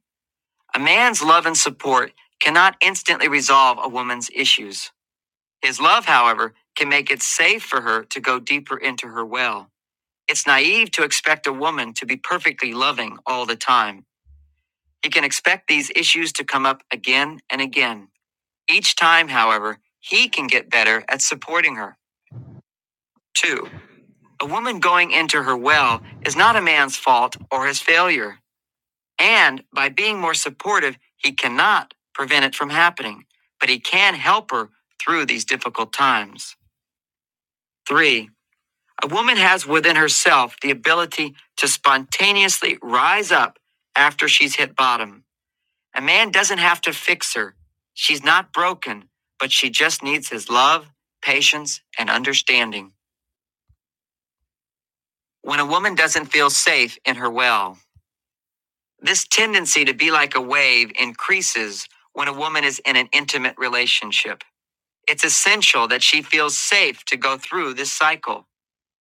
a man's love and support cannot instantly resolve a woman's issues. His love, however, can make it safe for her to go deeper into her well. It's naive to expect a woman to be perfectly loving all the time. He can expect these issues to come up again and again. Each time, however, he can get better at supporting her. Two, a woman going into her well is not a man's fault or his failure. And by being more supportive, he cannot prevent it from happening, but he can help her through these difficult times. Three, A woman has within herself the ability to spontaneously rise up after she's hit bottom. A man doesn't have to fix her. She's not broken, but she just needs his love, patience, and understanding. When a woman doesn't feel safe in her well, this tendency to be like a wave increases when a woman is in an intimate relationship. It's essential that she feels safe to go through this cycle.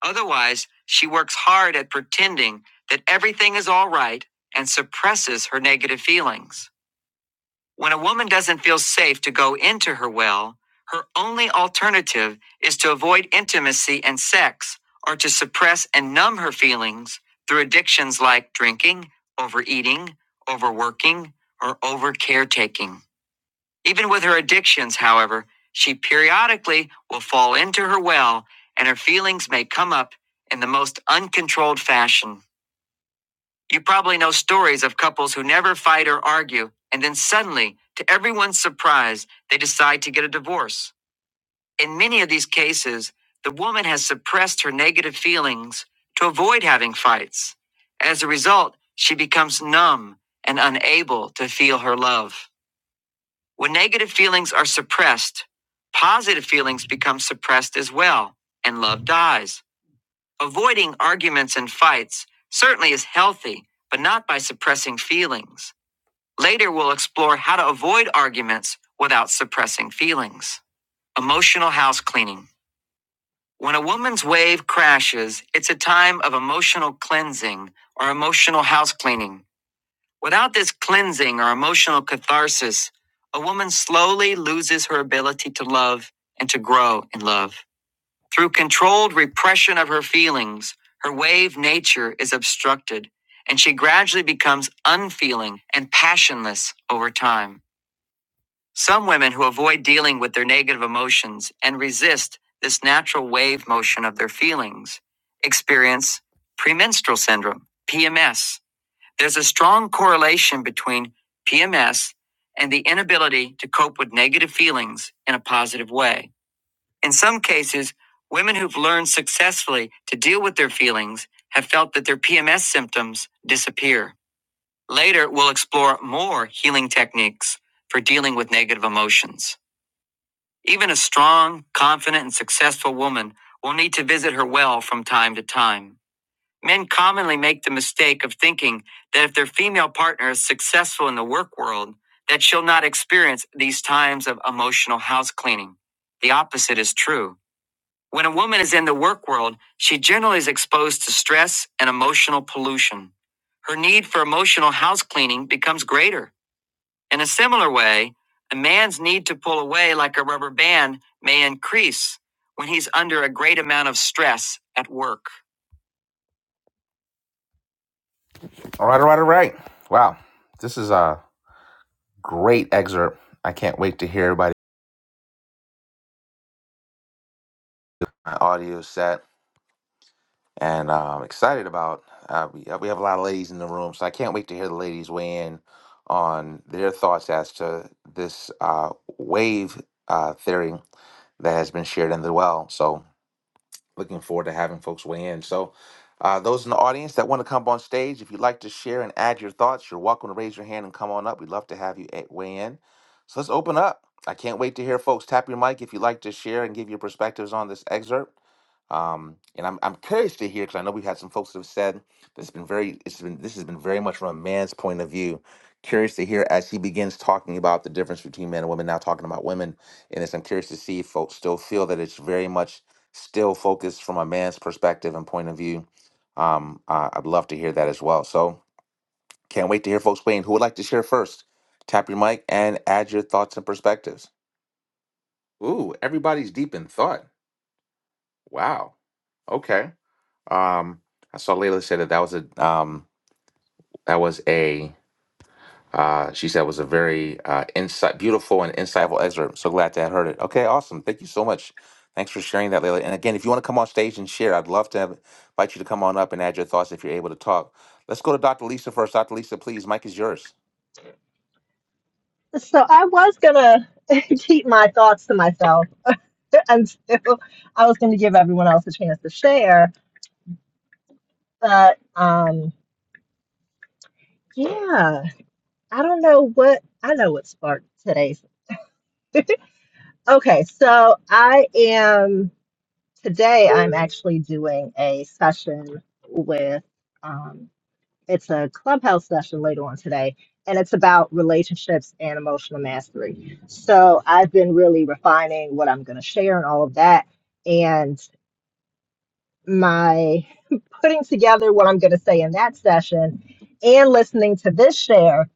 Otherwise, she works hard at pretending that everything is all right and suppresses her negative feelings. When a woman doesn't feel safe to go into her well, her only alternative is to avoid intimacy and sex or to suppress and numb her feelings through addictions like drinking, overeating, overworking, or over caretaking. Even with her addictions, however, she periodically will fall into her well and her feelings may come up in the most uncontrolled fashion. You probably know stories of couples who never fight or argue, and then suddenly, to everyone's surprise, they decide to get a divorce. In many of these cases, the woman has suppressed her negative feelings to avoid having fights. As a result, she becomes numb and unable to feel her love. When negative feelings are suppressed, positive feelings become suppressed as well, and love dies. Avoiding arguments and fights certainly is healthy, but not by suppressing feelings. Later, we'll explore how to avoid arguments without suppressing feelings. Emotional house cleaning. When a woman's wave crashes, it's a time of emotional cleansing or emotional house cleaning. Without this cleansing or emotional catharsis, a woman slowly loses her ability to love and to grow in love. Through controlled repression of her feelings, her wave nature is obstructed, and she gradually becomes unfeeling and passionless over time. Some women who avoid dealing with their negative emotions and resist this natural wave motion of their feelings experience premenstrual syndrome, PMS, there's a strong correlation between PMS and the inability to cope with negative feelings in a positive way. In some cases, women who've learned successfully to deal with their feelings have felt that their PMS symptoms disappear. Later, we'll explore more healing techniques for dealing with negative emotions. Even a strong, confident, and successful woman will need to visit her well from time to time. Men commonly make the mistake of thinking that if their female partner is successful in the work world, that she'll not experience these times of emotional house cleaning. The opposite is true. When a woman is in the work world, she generally is exposed to stress and emotional pollution. Her need for emotional house cleaning becomes greater. In a similar way, a man's need to pull away like a rubber band may increase when he's under a great amount of stress at work. All right, all right, all right. Wow, this is a great excerpt. I can't wait to hear everybody my audio is set, and uh, I'm excited about. Uh, we uh, we have a lot of ladies in the room, so I can't wait to hear the ladies weigh in on their thoughts as to this uh, wave uh, theory that has been shared in the well. So looking forward to having folks weigh in. So, uh, those in the audience that want to come up on stage, if you'd like to share and add your thoughts, you're welcome to raise your hand and come on up. We'd love to have you a- weigh in. So, let's open up. I can't wait to hear folks tap your mic if you'd like to share and give your perspectives on this excerpt. Um, and I'm, I'm curious to hear because I know we've had some folks that have said that's been very it's been this has been very much from a man's point of view. Curious to hear as he begins talking about the difference between men and women. Now talking about women in this, I'm curious to see if folks still feel that it's very much still focused from a man's perspective and point of view. Um, uh, I'd love to hear that as well. So can't wait to hear folks weigh Who would like to share first? Tap your mic and add your thoughts and perspectives. Ooh, everybody's deep in thought. Wow. Okay. Um, I saw Layla say that that was a um, that was a Uh, she said it was a very uh, insight, beautiful and insightful excerpt. So glad to have heard it. Okay, awesome. Thank you so much. Thanks for sharing that, Layla. And again, if you want to come on stage and share, I'd love to have, invite you to come on up and add your thoughts if you're able to talk. Let's go to Dr. Lisa first. Dr. Lisa, please. Mike is yours.
So, I was going to (laughs) keep my thoughts to myself (laughs) until I was going to give everyone else a chance to share. But um, yeah, I don't know what I know what sparked today's. (laughs) okay, so I am today. I'm actually doing a session with. Um, it's a clubhouse session later on today, and it's about relationships and emotional mastery. So I've been really refining what I'm going to share and all of that. and. my (laughs) putting together what I'm going to say in that session and listening to this share,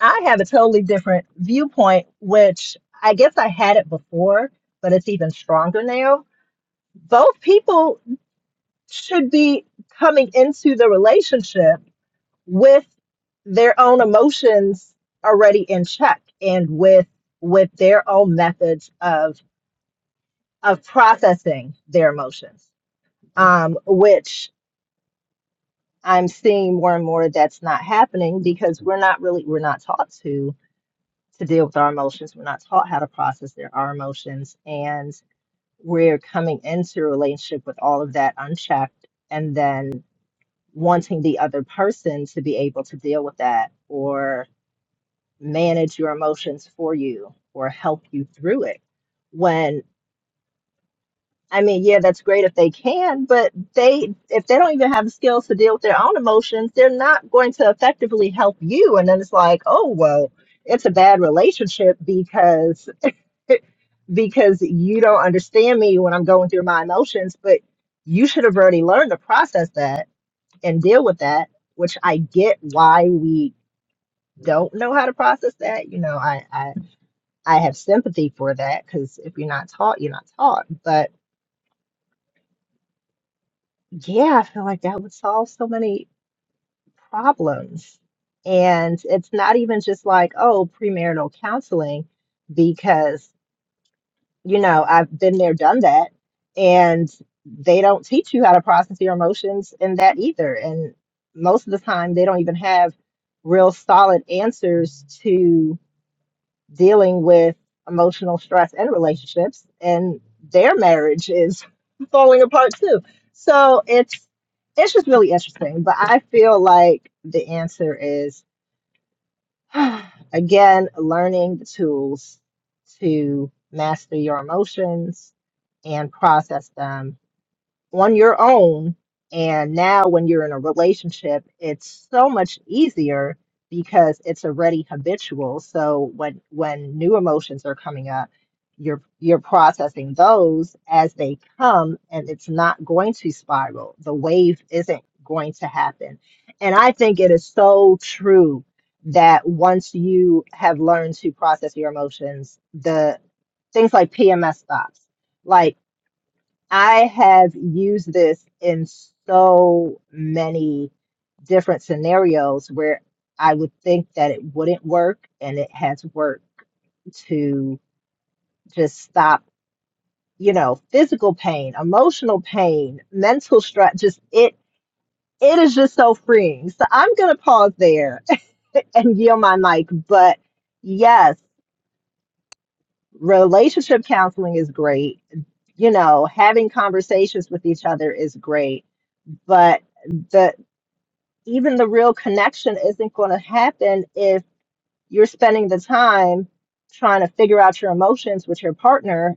I have a totally different viewpoint, which I guess I had it before, but it's even stronger now. Both people should be coming into the relationship with their own emotions already in check and with with their own methods of of processing their emotions um, which I'm seeing more and more that's not happening because we're not really we're not taught to to deal with our emotions. We're not taught how to process their our emotions, and we're coming into a relationship with all of that unchecked, and then wanting the other person to be able to deal with that or manage your emotions for you or help you through it when. I mean, yeah, that's great if they can, but they if they don't even have the skills to deal with their own emotions, they're not going to effectively help you. And then it's like, oh well, it's a bad relationship because (laughs) because you don't understand me when I'm going through my emotions, but you should have already learned to process that and deal with that, which I get why we don't know how to process that. You know, I I, I have sympathy for that because if you're not taught, you're not taught. But Yeah, I feel like that would solve so many problems. And it's not even just like, oh, premarital counseling, because, you know, I've been there, done that. And they don't teach you how to process your emotions in that either. And most of the time, they don't even have real solid answers to dealing with emotional stress and relationships and their marriage is (laughs) falling apart too so it's it's just really interesting but i feel like the answer is (sighs) again learning the tools to master your emotions and process them on your own. And now, when you're in a relationship, it's so much easier because it's already habitual. So when when new emotions are coming up, you're you're processing those as they come, and it's not going to spiral. The wave isn't going to happen. And I think it is so true that once you have learned to process your emotions, the things like PMS stops like. I have used this in so many different scenarios where I would think that it wouldn't work, and it has worked to just stop, you know, physical pain, emotional pain, mental stress. Just it, it is just so freeing. So I'm gonna pause there (laughs) and yield my mic. But yes, relationship counseling is great. You know, having conversations with each other is great, but the even the real connection isn't going to happen if you're spending the time trying to figure out your emotions with your partner.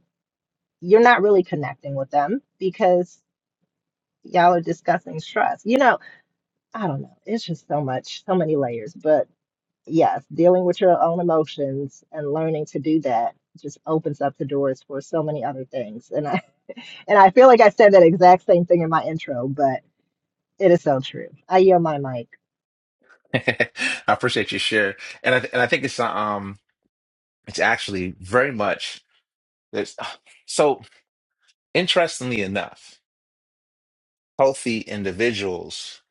You're not really connecting with them because y'all are discussing stress. You know, I don't know. It's just so much, so many layers. But yes, dealing with your own emotions and learning to do that just opens up the doors for so many other things. And I and I feel like I said that exact same thing in my intro, but it is so true. I yield my mic.
(laughs) I appreciate your share, and I th- and I think it's um it's actually very much there's (sighs) so interestingly enough, healthy individuals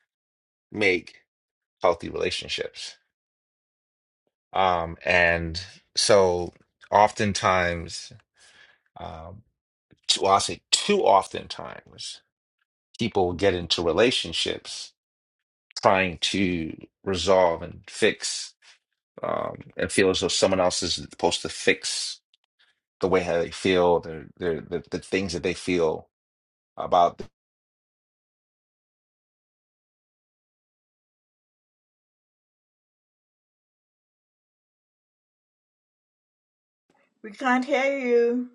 make healthy relationships. Um, and so oftentimes, um, too, well, I say too oftentimes, people get into relationships trying to resolve and fix, um, and feel as though someone else is supposed to fix the way how they feel, their, their, the, the things that they feel about.
We can't hear you.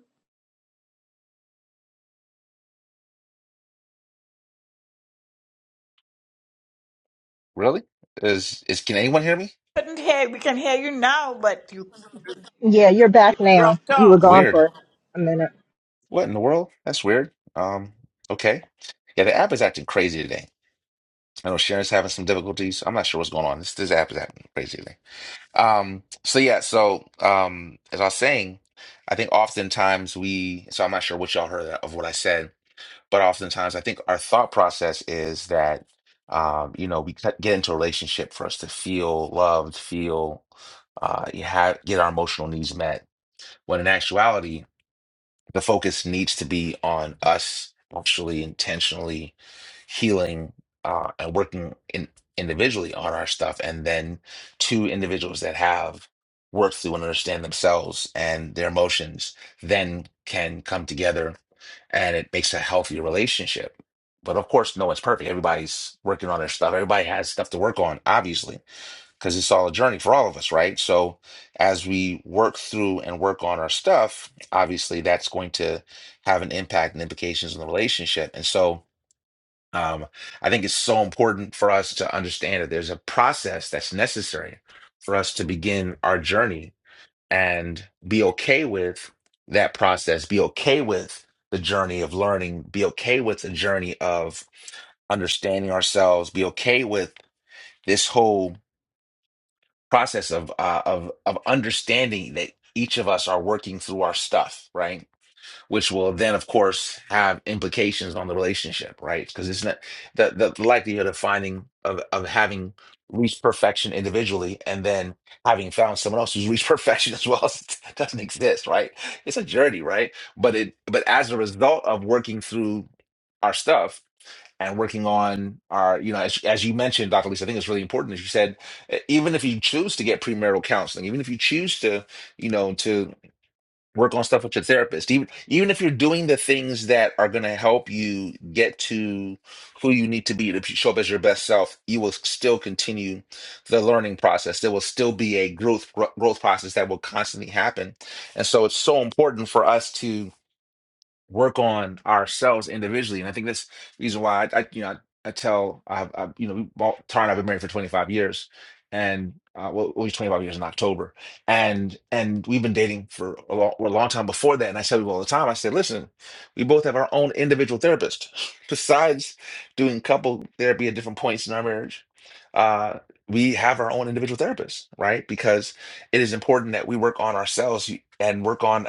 Really? Is, is, can anyone hear me?
Couldn't hear. We can hear you now, but you,
Yeah, you're
you
back now.
dropped
You were
off.
gone
Weird.
for a minute.
What in the world? That's weird. Um, okay. Yeah, the app is acting crazy today. I know Sharon's having some difficulties. I'm not sure what's going on. This this app is happening, crazy today. Um, so yeah, so um, as I was saying, I think oftentimes we. So I'm not sure what y'all heard of what I said, but oftentimes I think our thought process is that um, you know we cut- get into a relationship for us to feel loved, feel uh, you have get our emotional needs met. When in actuality, the focus needs to be on us actually intentionally healing uh, and working in, individually on our stuff, and then two individuals that have worked through and understand themselves and their emotions then can come together, and it makes a healthier relationship. But of course, no one's perfect. Everybody's working on their stuff. Everybody has stuff to work on, obviously because it's all a journey for all of us, right? So as we work through and work on our stuff, obviously that's going to have an impact and implications in the relationship. And so um, I think it's so important for us to understand that there's a process that's necessary for us to begin our journey and be okay with that process, be okay with the journey of learning, be okay with the journey of understanding ourselves, be okay with this whole process of uh, of of understanding that each of us are working through our stuff, right? Which will then, of course, have implications on the relationship, right? Because it's not the, the the likelihood of finding of of having reached perfection individually and then having found someone else who's reached (laughs) perfection as well (laughs) doesn't exist, right? It's a journey, right? But it but as a result of working through our stuff, and working on our, you know, as, as you mentioned, Dr. Lisa, I think it's really important. As you said, e- even if you choose to get premarital counseling, even if you choose to, you know, to work on stuff with your therapist, even even if you're doing the things that are going to help you get to who you need to be to show up as your best self, you will still continue the learning process. There will still be a growth growth process that will constantly happen, and so it's so important for us to work on ourselves individually. And I think that's the reason why I, I you know, I, I tell, I've, i you know, we both, Tara and I've been married for 25 years and, uh, well, we 25 years in October. And, and we've been dating for a long, a long time before that. And I said to her all the time, I said, listen, we both have our own individual therapist (laughs) besides doing couple therapy at different points in our marriage. Uh, we have our own individual therapist, right? Because it is important that we work on ourselves and work on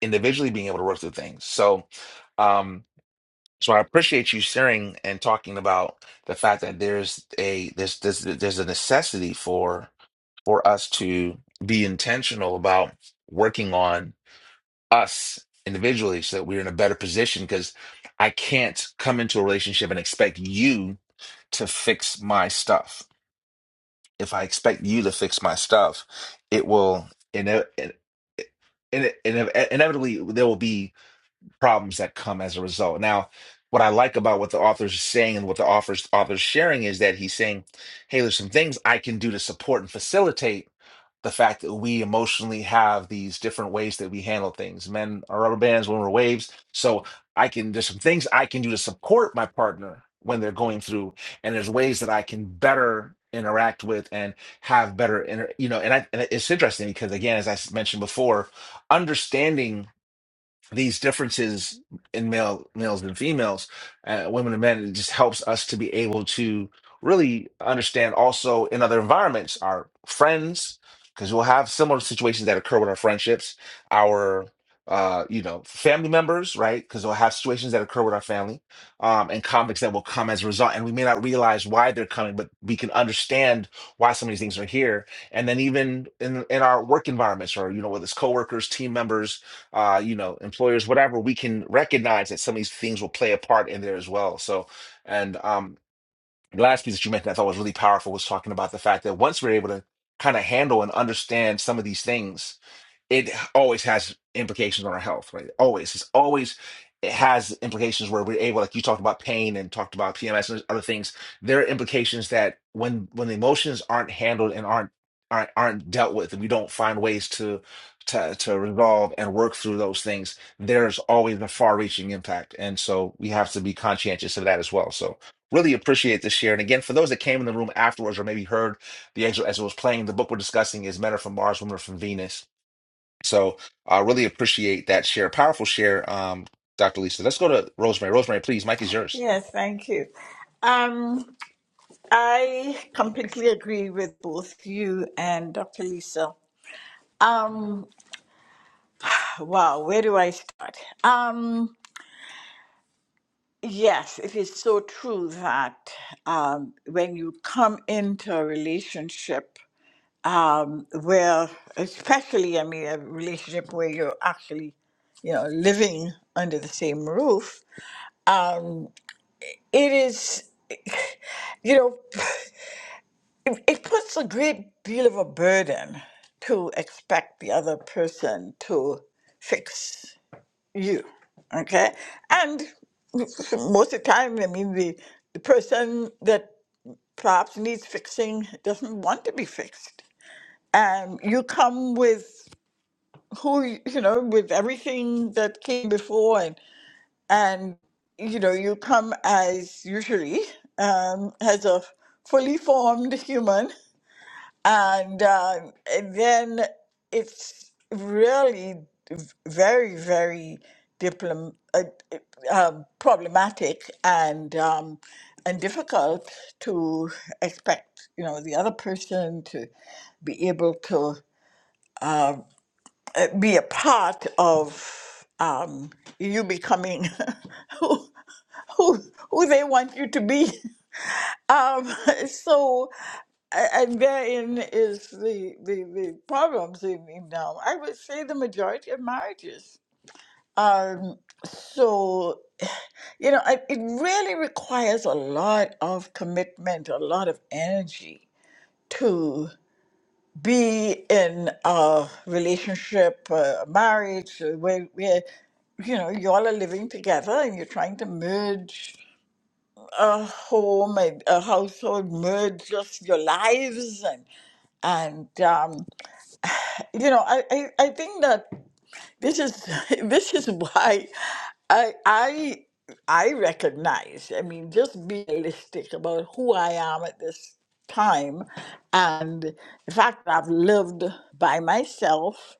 individually being able to work through things. So, um, so I appreciate you sharing and talking about the fact that there's a there's there's there's a necessity for for us to be intentional about working on us individually so that we're in a better position because I can't come into a relationship and expect you to fix my stuff. If I expect you to fix my stuff, it will ine- in, in, in, inevitably there will be problems that come as a result. Now, what I like about what the author's saying and what the author's author's sharing is that he's saying, "Hey, there's some things I can do to support and facilitate the fact that we emotionally have these different ways that we handle things. Men are rubber bands, women are waves. So I can there's some things I can do to support my partner when they're going through, and there's ways that I can better." interact with and have better inter- you know and, I, and it's interesting because again as i s- mentioned before understanding these differences in male males and females, uh, women and men, it just helps us to be able to really understand also in other environments, our friends, because we'll have similar situations that occur with our friendships, our uh, you know, family members, right? Because we'll have situations that occur with our family, um, and conflicts that will come as a result, and we may not realize why they're coming, but we can understand why some of these things are here. And then even in in our work environments, or you know, with it's coworkers, team members, uh, you know, employers, whatever, we can recognize that some of these things will play a part in there as well. So, and um, the last piece that you mentioned I thought was really powerful was talking about the fact that once we're able to kind of handle and understand some of these things, it always has implications on our health, right? Always. It's always it has implications where we're able, like you talked about pain and talked about PMS and other things. There are implications that when when the emotions aren't handled and aren't aren't, aren't dealt with, and we don't find ways to to to resolve and work through those things, there's always a far-reaching impact, and so we have to be conscientious of that as well. So. Really appreciate this share. And again, for those that came in the room afterwards or maybe heard the excerpt as it was playing, the book we're discussing is Men Are From Mars, Women Are From Venus so I really appreciate that share. Powerful share, um, Dr. Lisa. Let's go to Rosemary. Rosemary, please, Mike is yours.
Yes, thank you. Um, I completely agree with both you and Dr. Lisa. Um, wow, where do I start? Um, yes, it is so true that um, when you come into a relationship um, where, especially, I mean, a relationship where you're actually, you know, living under the same roof, um, it is, you know, (sighs) it, it puts a great deal of a burden to expect the other person to fix you. Okay? And most of the time, I mean, the, the person that perhaps needs fixing doesn't want to be fixed. And you come with who y- you know with everything that came before and and you know you come as usually um, as a fully formed human and, uh, and then it's really v- very very diplom- uh, uh, problematic and um, and difficult to expect you know the other person to be able to be a part of um, you becoming (laughs) who, who who they want you to be. Um, (laughs) so, a- and therein is the the, the problems in, in now. I would say the majority of marriages. Um, so you know, I, it really requires a lot of commitment, a lot of energy to be in a relationship, a marriage, uh, where, where you know you all are living together and you're trying to merge a home, a, a household, merge just your lives and and um, you know I, I, I think that. This is (laughs) this is why I I I recognize. I mean, just be realistic about who I am at this time, and the fact that I've lived by myself,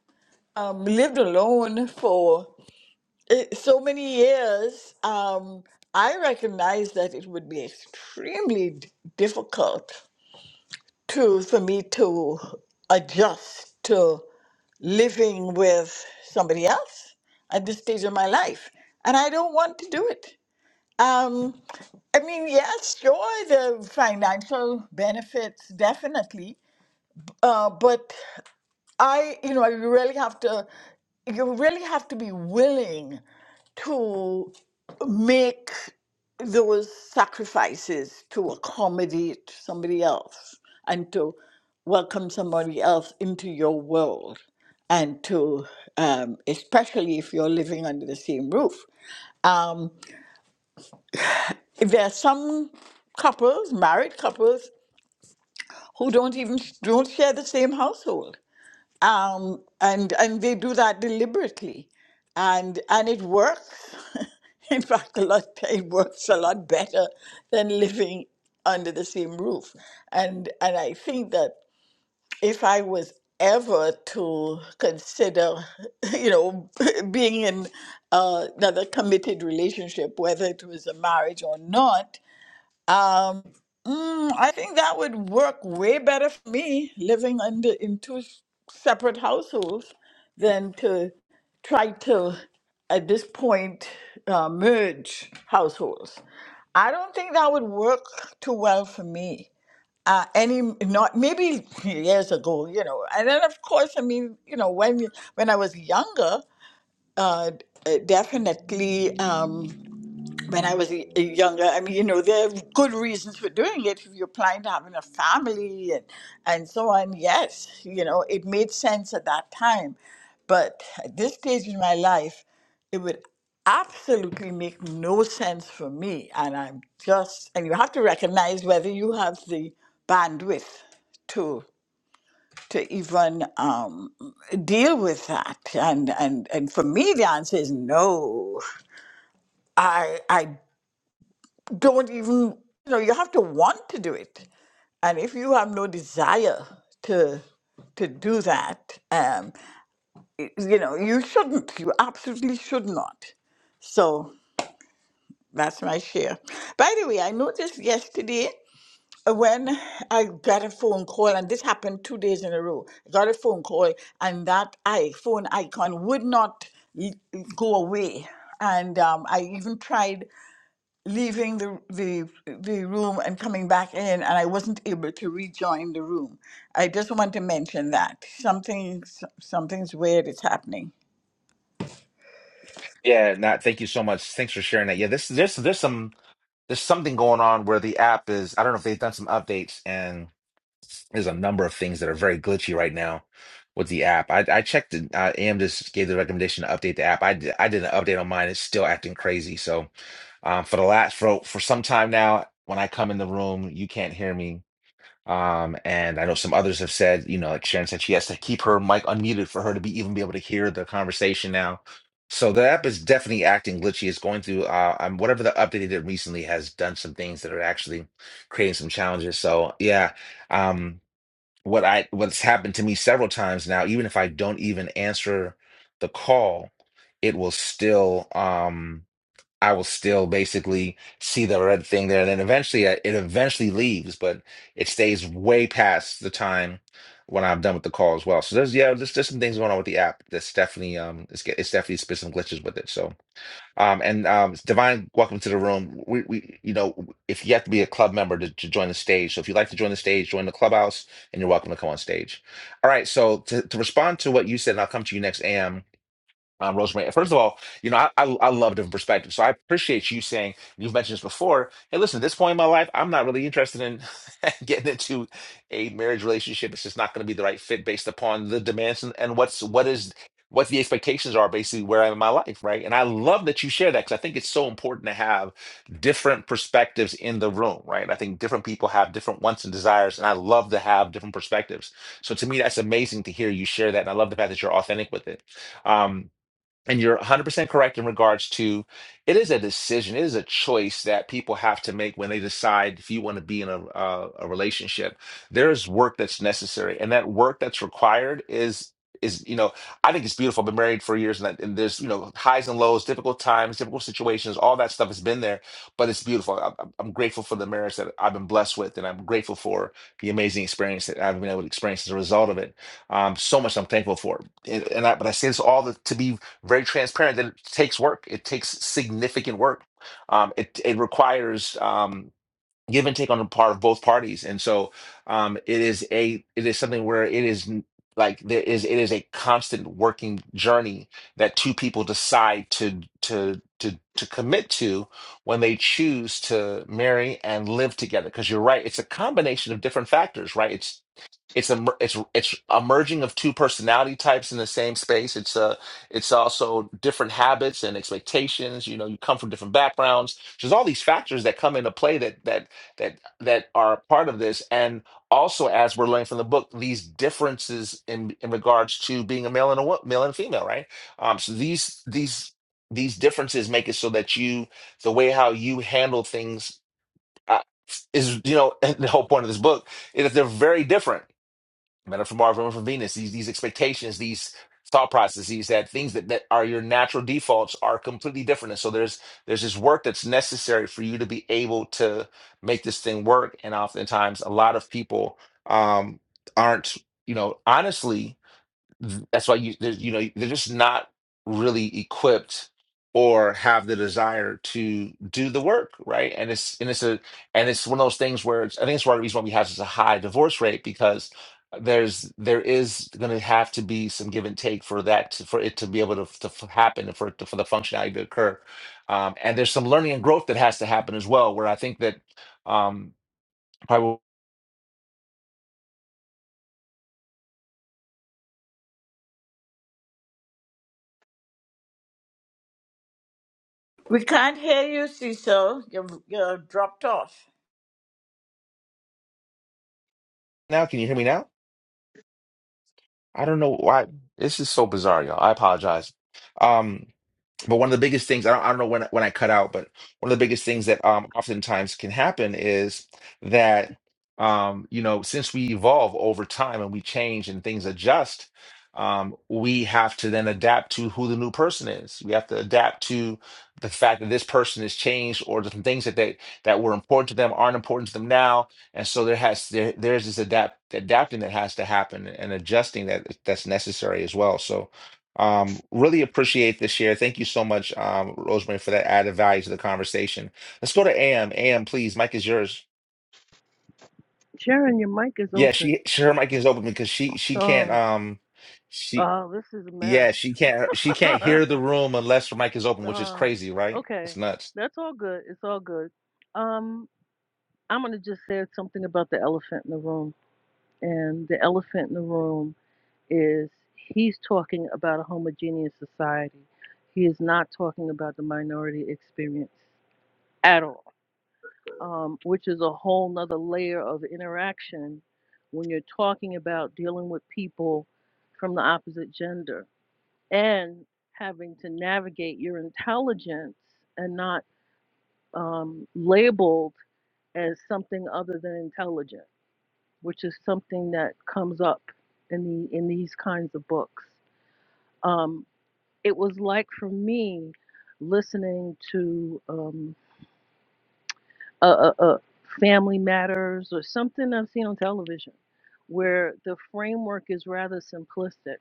um, lived alone for eh, so many years. Um, I recognize that it would be extremely d- difficult to for me to adjust living with somebody else at this stage of my life, and I don't want to do it. Um, I mean, yes, sure, the financial benefits definitely, uh, but I, you know, you really have to, you really have to be willing to make those sacrifices to accommodate somebody else and to welcome somebody else into your world and to um, especially if you're living under the same roof um, there are some couples married couples who don't even don't share the same household um, and and they do that deliberately, and and it works. (laughs) In fact, a lot it works a lot better than living under the same roof, and and I think that if I was ever to consider, (laughs) you know, (laughs) being in uh, another committed relationship, whether it was a marriage or not, um, mm, I think that would work way better for me living under in two s- separate households than to try to, at this point, uh, merge households. I don't think that would work too well for me. Uh, any not maybe (laughs) years ago, you know, and then of course, I mean, you know, when when I was younger, uh, d- uh, definitely. Um, when I was y- younger, I mean, you know, there are good reasons for doing it. If you're planning to having a family and, and so on, yes, you know, it made sense at that time. But at this stage in my life, it would absolutely make no sense for me. And I'm just, and you have to recognize whether you have the bandwidth to to even um, deal with that and and and for me the answer is no i i don't even you know you have to want to do it and if you have no desire to to do that um y- you know you shouldn't you absolutely should not so that's my share by the way i noticed yesterday uh, when i got a phone call and this happened two days in a row i got a phone call and that i phone icon would not l- go away and um, i even tried leaving the, the the room and coming back in and I wasn't able to rejoin the room. I just want to mention that. Something something's weird is happening.
Yeah, Nat, thank you so much. Thanks for sharing that. Yeah, this there's there's some there's something going on where the app is, I don't know if they've done some updates and there's a number of things that are very glitchy right now with the app. I, I checked it. Uh, AM just gave the recommendation to update the app. I did, I did an update on mine. It's still acting crazy. So um, for the last for for some time now, when I come in the room, you can't hear me Um, and I know some others have said, you know, like Sharon said, she has to keep her mic unmuted for her to be even be able to hear the conversation now. So the app is definitely acting glitchy. It's going through uh um, whatever the update they did recently has done some things that are actually creating some challenges. So yeah, um what I what's happened to me several times now, even if I don't even answer the call, it will still um I will still basically see the red thing there, and then eventually uh, it eventually leaves, but it stays way past the time when I'm done with the call as well. So there's yeah, there's, there's some things going on with the app that's definitely um it's get- it's definitely been some glitches with it. So um and um Divine, welcome to the room. We we you know if you have to be a club member to, to join the stage, so if you'd like to join the stage, join the clubhouse, and you're welcome to come on stage. All right, so to, to respond to what you said, and I'll come to you next, Am um, Rosemary. First of all, you know, I, I I love different perspectives, so I appreciate you saying you've mentioned this before. Hey, listen, at this point in my life, I'm not really interested in (laughs) getting into a marriage relationship. It's just not going to be the right fit based upon the demands and, and what's what is what the expectations are basically where I'm in my life, right? And I love that you share that because I think it's so important to have different perspectives in the room, right? I think different people have different wants and desires, and I love to have different perspectives. So to me, that's amazing to hear you share that, and I love the fact that you're authentic with it. Um, and you're 100% correct in regards to it is a decision, it is a choice that people have to make when they decide if you want to be in a, a, a relationship. There is work that's necessary, and that work that's required is is you know I think it's beautiful. I've been married for years, and, that, and there's you know highs and lows, difficult times, difficult situations, all that stuff has been there, but it's beautiful. I, I'm I'm grateful for the marriage that I've been blessed with, and I'm grateful for the amazing experience that I've been able to experience as a result of it um, so much I'm thankful for. And, and I, but I say this all the, to be very transparent that it takes work. It takes significant work. Um, it it requires um, give and take on the part of both parties, and so um, it is a it is something where it is n- like there is it is a constant working journey that two people decide to to to to commit to when they choose to marry and live together. Because you're right, it's a combination of different factors, right? it's it's a mer- it's it's a merging of two personality types in the same space. It's uh it's also different habits and expectations. You know, you come from different backgrounds. There's all these factors that come into play that that that that are part of this. And also, as we're learning from the book, these differences in in regards to being a male and a wo- male and female, right? Um, so these these these differences make it so that you the way how you handle things uh, is you know (laughs) the whole point of this book is that they're very different Men are from Mars, women are from Venus. These these expectations, these thought processes, that things that, that are your natural defaults are completely different. And so there's there's this work that's necessary for you to be able to make this thing work. And oftentimes, a lot of people um, aren't, you know, honestly th- that's why you there's- you know they're just not really equipped or have the desire to do the work right and it's and it's a and it's one of those things where it's, i think it's one of the reasons why we have such a high divorce rate because there's there is going to have to be some give and take for that to, for it to be able to, to f- happen and for it to, for the functionality to occur um, and there's some learning and growth that has to happen as well where i think that um probably
We can't hear you, Cecil. You're, you're dropped off.
now can you hear me now i don't know why this is so bizarre y'all i apologize um But one of the biggest things I don't, I don't know when when I cut out, but one of the biggest things that um oftentimes can happen is that um you know since we evolve over time and we change and things adjust, um we have to then adapt to who the new person is. We have to adapt to the fact that this person has changed or the things that they that were important to them aren't important to them now, and so there has there, there's this adapt adapting that has to happen and adjusting that that's necessary as well. So um, really appreciate this share. Thank you so much, um, Rosemary, for that added value to the conversation. Let's go to AM. AM, please. Mike is yours.
Sharon, your mic is
Yeah,
open.
she, (laughs) she her mic is open because she she can't
Oh,
um she
oh, this is a mess.
yeah she can't she can't
(laughs)
hear the room unless her mic is open, which is
oh,
crazy, right?
okay,
It's nuts.
that's all good. It's all good. Um, I'm gonna just say something about the elephant in the room, and the elephant in the room is he's talking about a homogeneous society. He is not talking about the minority experience at all, um, which is a whole nother layer of interaction when you're talking about dealing with people from the opposite gender and having to navigate your intelligence and not um, labeled as something other than intelligent, which is something that comes up in the in these kinds of books. Um, it was like for me listening to um, a, a, a Family Matters or something I've seen on television, where the framework is rather simplistic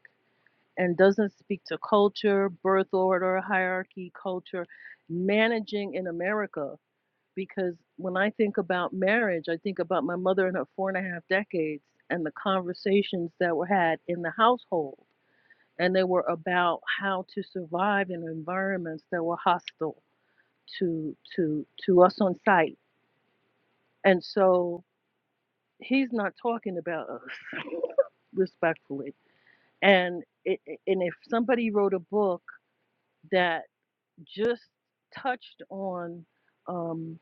and doesn't speak to culture, birth order, hierarchy, culture, managing in America. Because when I think about marriage, I think about my mother and her four and a half decades and the conversations that were had in the household. And they were about how to survive in environments that were hostile to to to us on site. And so he's not talking about us (laughs) respectfully. And it, and if somebody wrote a book that just touched on um,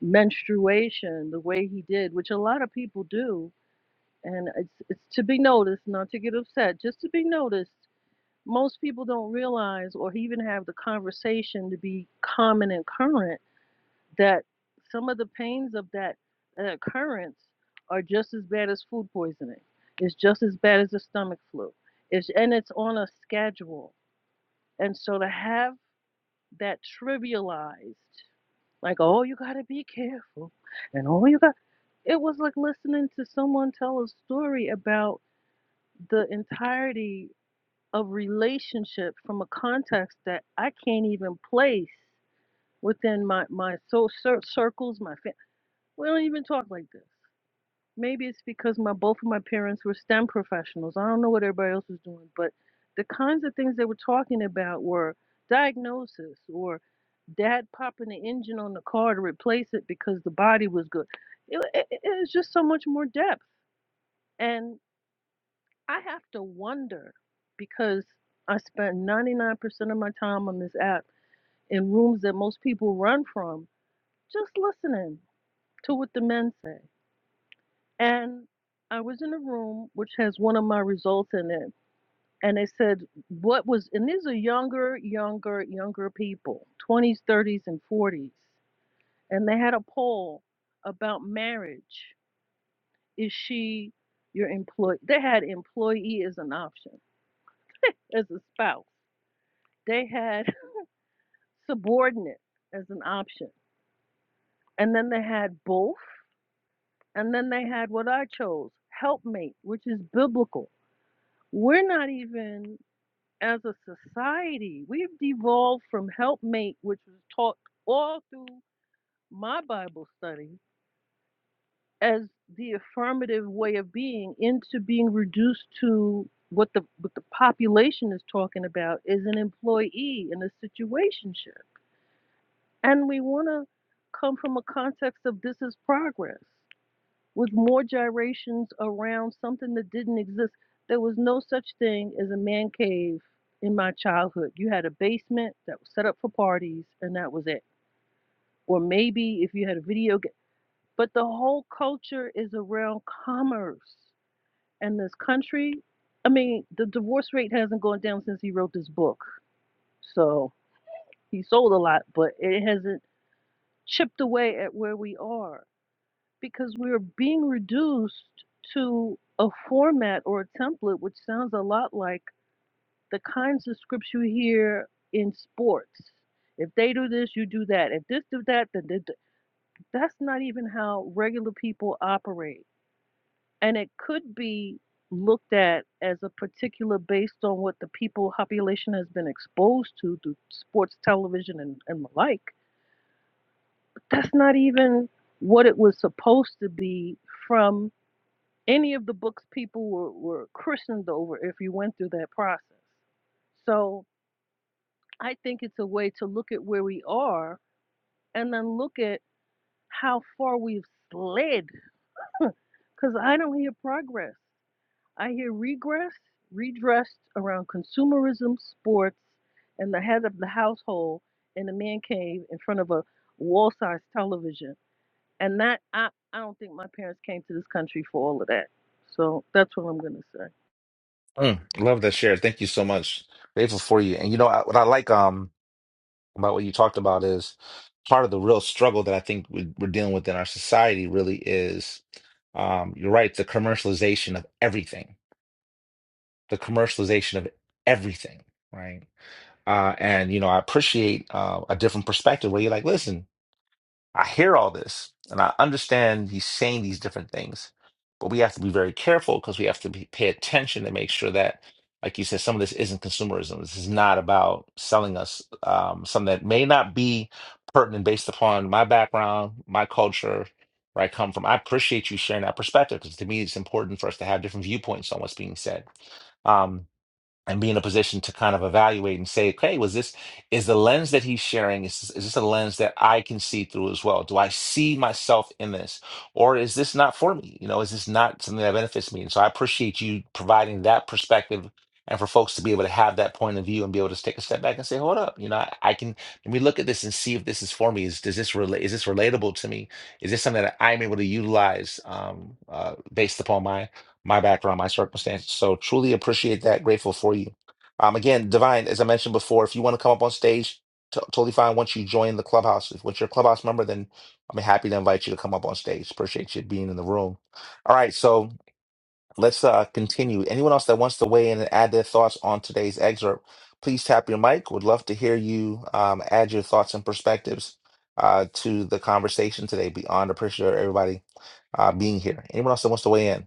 menstruation the way he did, which a lot of people do, and it's it's to be noticed, not to get upset, just to be noticed. Most people don't realize or even have the conversation to be common and current that some of the pains of that uh, occurrence are just as bad as food poisoning. It's just as bad as a stomach flu. It's and it's on a schedule. And so to have that trivialized Like, oh, you got to be careful. And oh, you got. It was like listening to someone tell a story about the entirety of relationship from a context that I can't even place within my, my soul cir- circles, my family. We don't even talk like this. Maybe it's because my both of my parents were STEM professionals. I don't know what everybody else was doing, but the kinds of things they were talking about were diagnosis or dad popping the engine on the car to replace it because the body was good. It, it it was just so much more depth. And I have to wonder because I spent 99% of my time on this app in rooms that most people run from, just listening to what the men say. And I was in a room which has one of my results in it. And they said, what was, and these are younger, younger, younger people, 20s, 30s, and 40s. And they had a poll about marriage. Is she your employee? They had employee as an option, (laughs) as a spouse. They had (laughs) subordinate as an option. And then they had both. And then they had what I chose, helpmate, which is biblical. We're not even as a society, we've devolved from helpmate, which was taught all through my Bible study, as the affirmative way of being, into being reduced to what the what the population is talking about is an employee in a situationship, and we want to come from a context of this is progress. with more gyrations around something that didn't exist. There was no such thing as a man cave in my childhood. You had a basement that was set up for parties, and that was it. Or maybe if you had a video game. But the whole culture is around commerce. And this country, I mean, the divorce rate hasn't gone down since he wrote this book. So he sold a lot, but it hasn't chipped away at where we are. because we're being reduced to a format or a template which sounds a lot like the kinds of scripts you hear in sports. If they do this, you do that. If this do that, then th- that's not even how regular people operate. And it could be looked at as a particular based on what the people population has been exposed to through sports television and, and the like. That's not even what it was supposed to be from Any of the books people were, were christened over if you went through that process. So I think it's a way to look at where we are and then look at how far we've slid. Because I don't hear progress, I hear regress, redressed around consumerism, sports, and the head of the household in a man cave in front of a wall sized television. And that, I, I don't think my parents came to this country for all of that. So that's what I'm going to say.
Mm, love that share. Thank you so much. Grateful for you. And you know I, what I like um. about what you talked about is part of the real struggle that I think we- we're dealing with in our society really is um, you're right, the commercialization of everything, the commercialization of everything, right? Uh, and you know, I appreciate uh, a different perspective where you're like, listen. I hear all this and I understand he's saying these different things, but we have to be very careful because we have to be, pay attention to make sure that, like you said, some of this isn't consumerism. This is not about selling us um, something that may not be pertinent based upon my background, my culture, where I come from. I appreciate you sharing that perspective because to me, it's important for us to have different viewpoints on what's being said. Um, and be in a position to kind of evaluate and say, okay, was this is the lens that he's sharing? Is this, is this a lens that I can see through as well? Do I see myself in this, or is this not for me? You know, is this not something that benefits me? And so I appreciate you providing that perspective. And for folks to be able to have that point of view and be able to take a step back and say, "Hold up, you know, I, I can let me look at this and see if this is for me. Is does this relate? Is this relatable to me? Is this something that I'm able to utilize um, uh, based upon my my background, my circumstances. So truly appreciate that. Grateful for you. Um, again, Divine, as I mentioned before, if you want to come up on stage, t- totally fine. Once you join the clubhouse, if once you're a clubhouse member, then I'm happy to invite you to come up on stage. Appreciate you being in the room. All right, so let's uh, continue. Anyone else that wants to weigh in and add their thoughts on today's excerpt, please tap your mic. Would love to hear you um, add your thoughts and perspectives uh, to the conversation today. Beyond appreciate everybody uh, being here. Anyone else that wants to weigh in?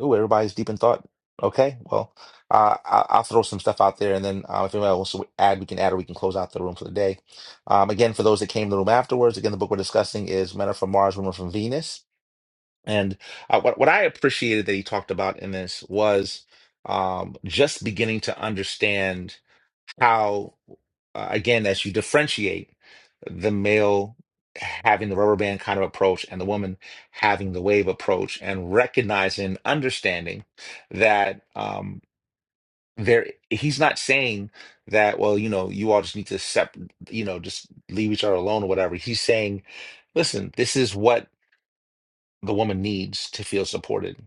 Ooh, everybody's deep in thought. Okay, well, uh, I- I'll throw some stuff out there, and then uh, if anybody wants to add, we can add, or we can close out the room for the day. Um, again, for those that came to the room afterwards, again, the book we're discussing is "Men Are from Mars, Women Are from Venus," and uh, what what I appreciated that he talked about in this was um, just beginning to understand how uh, again as you differentiate the male having the rubber band kind of approach and the woman having the wave approach and recognizing understanding that um there he's not saying that well you know you all just need to sep you know just leave each other alone or whatever he's saying listen this is what the woman needs to feel supported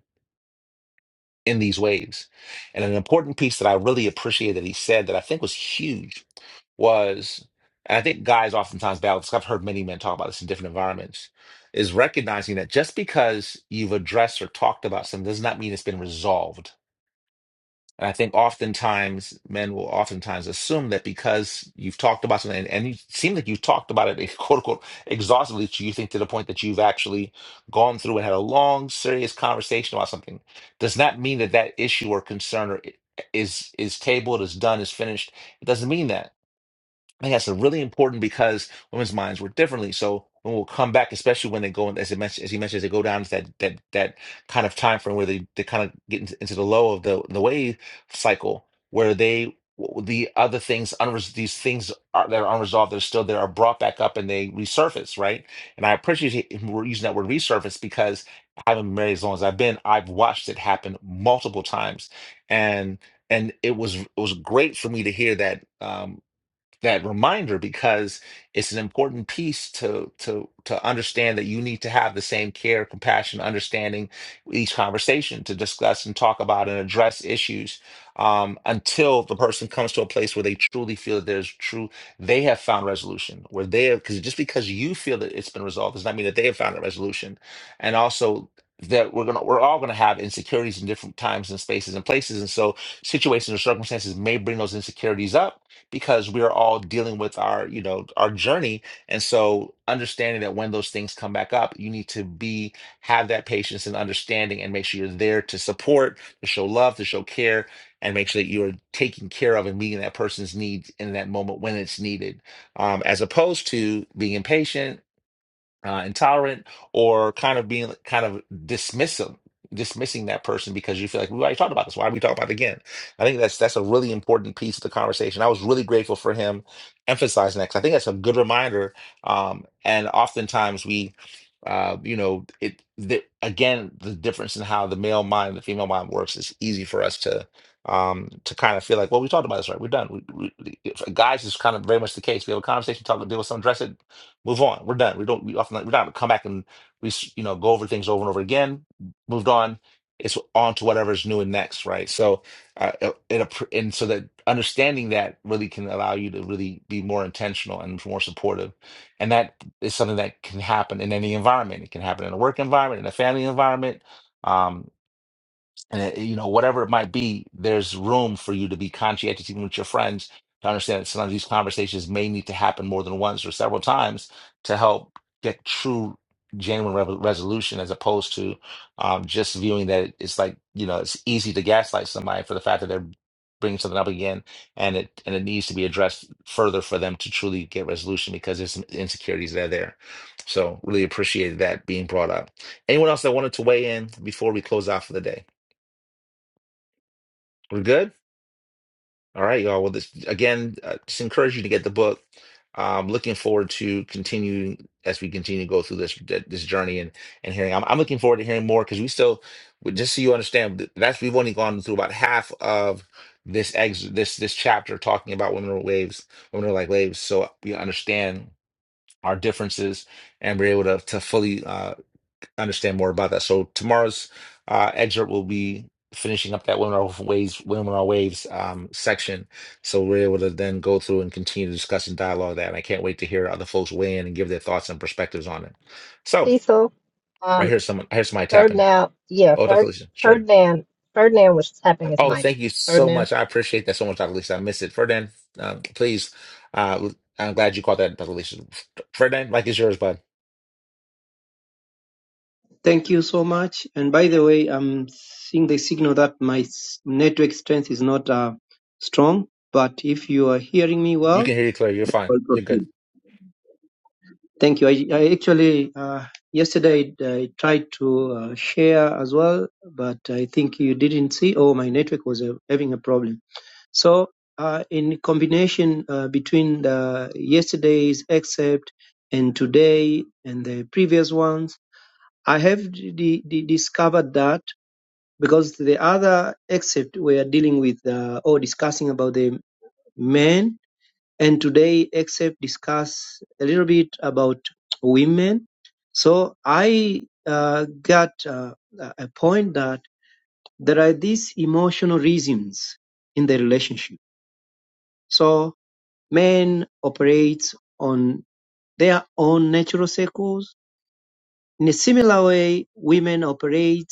in these ways and an important piece that i really appreciate that he said that i think was huge was, and I think guys oftentimes battle this. I've heard many men talk about this in different environments, is recognizing that just because you've addressed or talked about something does not mean it's been resolved. And I think oftentimes men will oftentimes assume that because you've talked about something and, and you seem like you've talked about it (laughs) quote unquote exhaustively to you think to the point that you've actually gone through and had a long, serious conversation about something, does not mean that that issue or concern or i- is is tabled, is done, is finished. It doesn't mean that I think that's really important because women's minds work differently. So when we'll come back, especially when they go, in- as he mentioned, as he mentioned, they go down to that that that kind of time frame where they, they kind of get into, into the low of the the wave cycle, where they the other things unres these things are, that are unresolved that are still there are brought back up and they resurface, right? And I appreciate him- we're using that word resurface because I haven't been married as long as I've been. I've watched it happen multiple times, and and it was it was great for me to hear that um, that reminder because it's an important piece to to to understand that you need to have the same care, compassion, understanding with each conversation to discuss and talk about and address issues um, until the person comes to a place where they truly feel that there's true they have found resolution where they have because just because you feel that it's been resolved does not mean that they have found a resolution and also that we're gonna we're all gonna have insecurities in different times and spaces and places and so situations or circumstances may bring those insecurities up because we are all dealing with our, you know, our journey. And so understanding that when those things come back up, you need to be have that patience and understanding and make sure you're there to support, to show love, to show care, and make sure that you're taking care of and meeting that person's needs in that moment when it's needed. Um, as opposed to being impatient uh, intolerant or kind of being kind of dismissive, dismissing that person because you feel like we already talked about this. Why are we talking about it again? I think that's that's a really important piece of the conversation. I was really grateful for him emphasizing that 'cause I think that's a good reminder. Um, and oftentimes we, uh, you know, it the, again the difference in how the male mind and the female mind works is easy for us to um to kind of feel like well we talked about this right we're done we, we, if- guys is kind of very much the case we have a conversation talk deal with someone dress it move on. We're done. We don't. We often we don't have to come back and we s- you know go over things over and over again. Moved on. It's on to whatever's new and next, right? So, uh, it, it- and so that understanding that really can allow you to really be more intentional and more supportive, and that is something that can happen in any environment. It can happen in a work environment, in a family environment. Um, and it- you know whatever it might be there's room for you to be conscientious even with your friends to understand that sometimes these conversations may need to happen more than once or several times to help get true genuine re- resolution as opposed to um, just viewing that it's like you know it's easy to gaslight somebody for the fact that they're bringing something up again and it and it needs to be addressed further for them to truly get resolution because there's some insecurities that are there so really appreciate that being brought up anyone else that wanted to weigh in before we close out for the day we're good. All right, y'all. Well, this again, uh, just encourage you to get the book. Um, looking forward to continuing as we continue to go through this th- this journey and and hearing. I'm, I'm looking forward to hearing more because we still, we- just so you understand, th- that's we've only gone through about half of this ex this this chapter talking about women are waves, women are like waves. So we understand our differences and we're able to to fully uh, understand more about that. So tomorrow's uh, excerpt will be finishing up that women are waves, women are waves um, section. So we're able to then go through and continue to discuss and dialogue that. And I can't wait to hear other folks weigh in and give their thoughts and perspectives on it. So
Cecil,
I
um,
hear someone, I hear somebody tapping.
Ferdinand, yeah,
Oh, Dr.
Ferd,
Lisa, sure.
Ferdinand, Ferdinand was tapping his
Oh,
mic.
thank you so
Ferdinand.
much. I appreciate that so much, Dr. Lisa. I miss it. Ferdinand, um, please. Uh, I'm glad you caught that, Dr. Lisa. Ferdinand, mic is yours, bud.
Thank you so much. And by the way, I'm seeing the signal that my s- network strength is not uh, strong, but if you are hearing me
You
well,
can hear you clear. You're
then
fine.
I'll
You're good.
proceed. Thank you. I, I actually, uh, yesterday I, I tried to uh, share as well, but I think you didn't see. Oh, my network was uh, having a problem. So, uh, in combination uh, between the yesterday's excerpt and today and the previous ones, I have d- d- discovered that. because the other except we are dealing with uh, or discussing about the men and today except discuss a little bit about women so i uh, got uh, a point that there are these emotional reasons in the relationship so men operate on their own natural cycles in a similar way women operate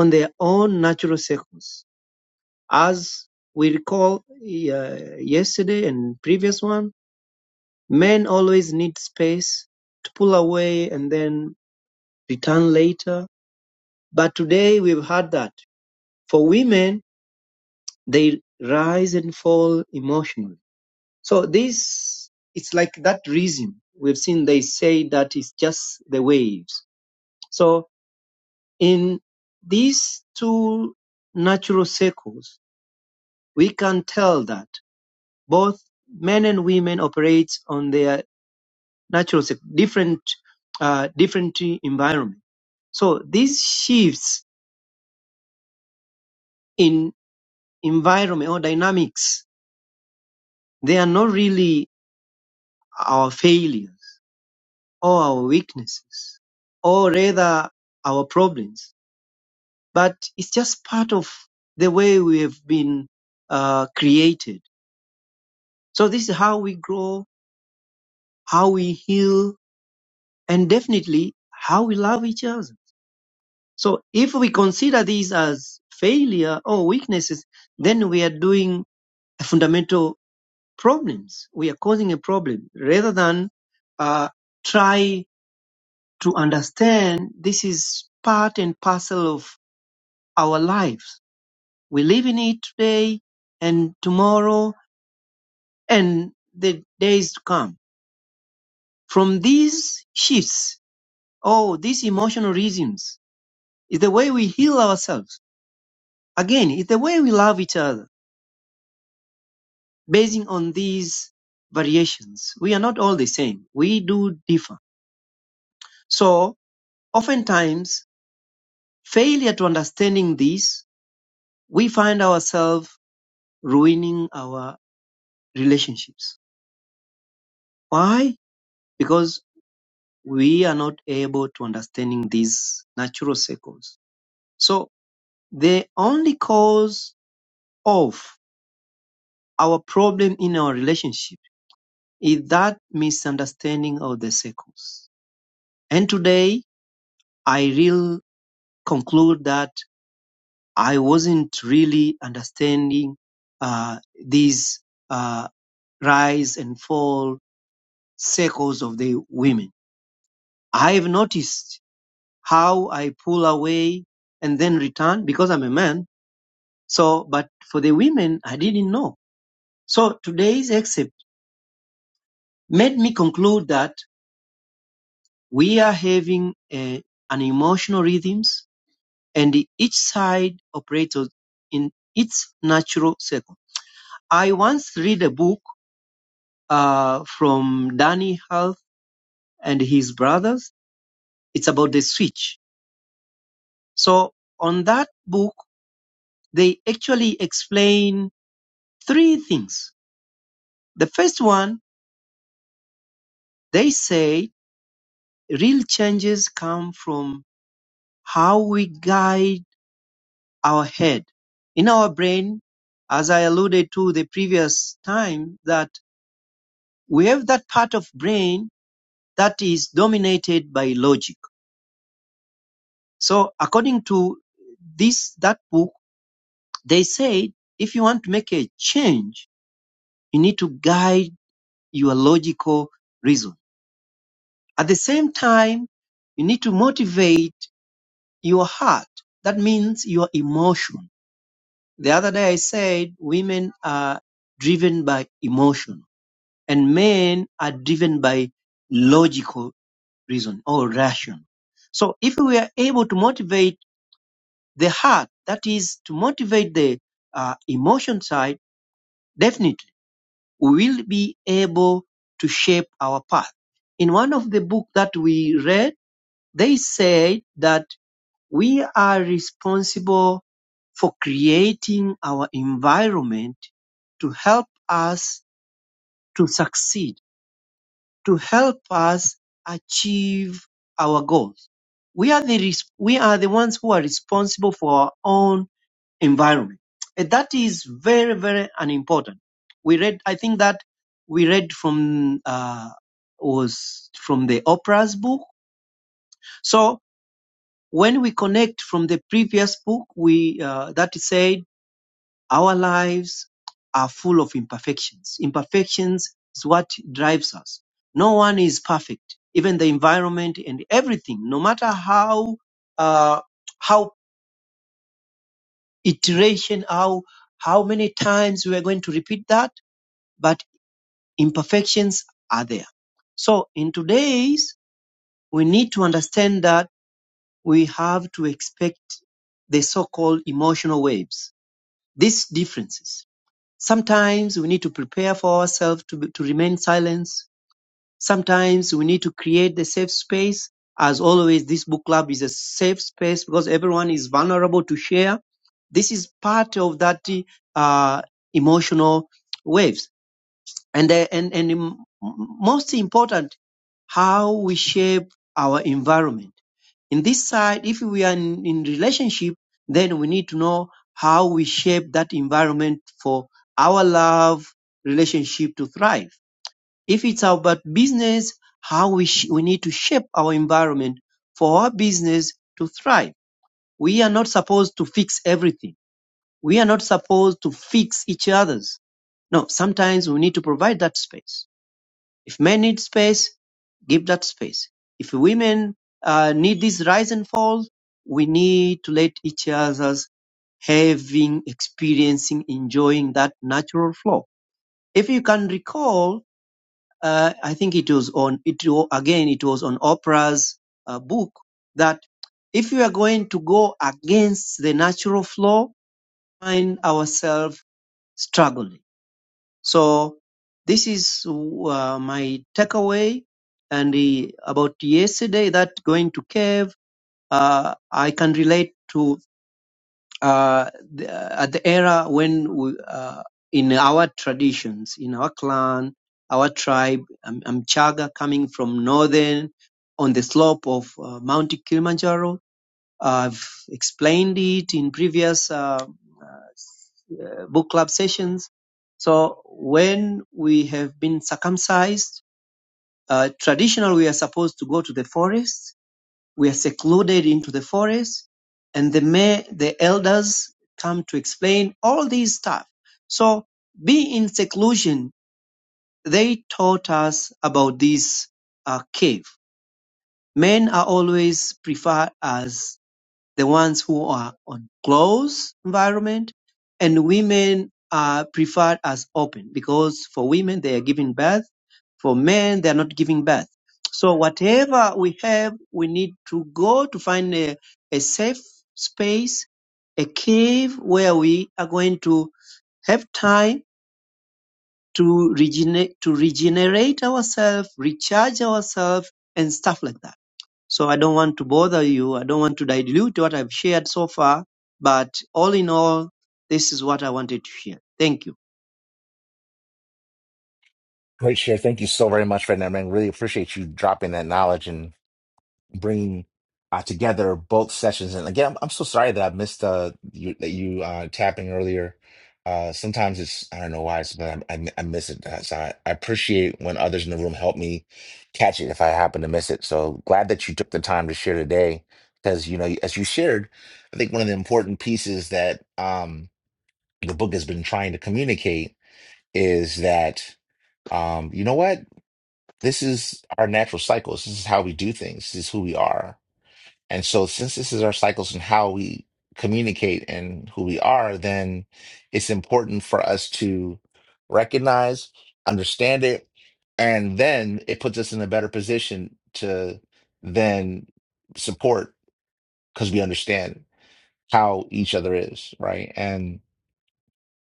on their own natural cycles As we recall uh, yesterday and previous one, men always need space to pull away and then return later. But today we've had that. For women, they rise and fall emotionally. So this, it's like that reason we've seen they say that it's just the waves. So in these two natural circles, we can tell that. both men and women operate on their natural different uh, different environment. So these shifts in environment or dynamics, they are not really our failures or our weaknesses, or rather our problems, but it's just part of the way we have been uh, created. So this is how we grow, how we heal, and definitely how we love each other. So if we consider these as failure or weaknesses, then we are doing a fundamental problems. We are causing a problem rather than uh, try to understand this is part and parcel of our lives. We live in it today and tomorrow and the days to come. From these shifts, oh, these emotional reasons is the way we heal ourselves. Again, it's the way we love each other Basing on these variations, we are not all the same. We do differ. So oftentimes, failure to understanding this, we find ourselves ruining our relationships. Why? Because we are not able to understanding these natural cycles. So the only cause of our problem in our relationship is that misunderstanding of the cycles. And today, I really conclude that I wasn't really understanding uh, these uh, rise and fall cycles of the women. I have noticed how I pull away and then return because I'm a man. So, but for the women, I didn't know. So today's excerpt made me conclude that we are having a, an emotional rhythms and each side operates in its natural cycle. I once read a book uh, from Danny Health and his brothers. It's about the switch. So on that book, they actually explain three things. The first one, they say real changes come from how we guide our head. In our brain, as I alluded to the previous time, that we have that part of brain that is dominated by logic. So according to this, that book, They said, if you want to make a change, you need to guide your logical reason. At the same time, you need to motivate your heart. That means your emotion. The other day I said women are driven by emotion and men are driven by logical reason or ration. So if we are able to motivate the heart, that is to motivate the uh, emotion side, definitely we will be able to shape our path. In one of the book that we read, they said that we are responsible for creating our environment to help us to succeed, to help us achieve our goals. We are the, we are the ones who are responsible for our own environment. And that is very, very unimportant. We read, I think that we read from, uh, was from the Oprah's book. So when we connect from the previous book, we, uh, that said, our lives are full of imperfections. Imperfections is what drives us. No one is perfect. Even the environment and everything, no matter how, uh, how iteration, how, how many times we are going to repeat that, but imperfections are there. So in today's, we need to understand that we have to expect the so-called emotional waves, these differences. Sometimes we need to prepare for ourselves to, be- to remain silent. Sometimes we need to create the safe space. As always, this book club is a safe space because everyone is vulnerable to share. This is part of that uh, emotional waves and the, and and m- most important how we shape our environment in this side if we are in, in relationship then we need to know how we shape that environment for our love relationship to thrive if it's about business how we sh- we need to shape our environment for our business to thrive we are not supposed to fix everything we are not supposed to fix each other's no sometimes we need to provide that space if men need space, give that space. If women uh, need this rise and fall, we need to let each other's having, experiencing, enjoying that natural flow. If you can recall, uh, I think it was on it again. It was on Oprah's uh, book that if we are going to go against the natural flow, find ourselves struggling so this is uh, my takeaway. And uh, about yesterday, that going to cave, uh, I can relate to uh, the, at the era when we, uh, in our traditions, in our clan, our tribe, I'm, I'm Chaga coming from northern on the slope of uh, Mount Kilimanjaro. I've explained it in previous. Uh, uh, book club sessions. So when we have been circumcised, uh, traditional we are supposed to go to the forest. We are secluded into the forest, and the ma- the elders come to explain all these stuff. So be in seclusion. They taught us about this uh, cave. Men are always preferred as the ones who are on close environment and women are preferred as open because for women they are giving birth for men they are not giving birth so whatever we have we need to go to find a, a safe space a cave where we are going to have time to regenerate to regenerate ourselves recharge ourselves and stuff like that so I don't want to bother you. I don't want to dilute what I've shared so far. But all in all, this is what I wanted to share. Thank you.
Great share. Thank you so very much for that, man. Really appreciate you dropping that knowledge and bringing uh, together both sessions. And again, I'm, I'm so sorry that I missed uh, you, that you uh, tapping earlier. Uh, sometimes it's I don't know why, it's, but I, I, I miss it. Uh, So I, I appreciate when others in the room help me catch it if I happen to miss it. So glad that you took the time to share today, because you know as you shared, I think one of the important pieces that um, the book has been trying to communicate is that um, you know what? This is our natural cycles. This is how we do things. This is who we are. And so, since this is our cycles and how we communicate and who we are, then it's important for us to recognize, understand it, and then it puts us in a better position to then support because we understand how each other is, right? And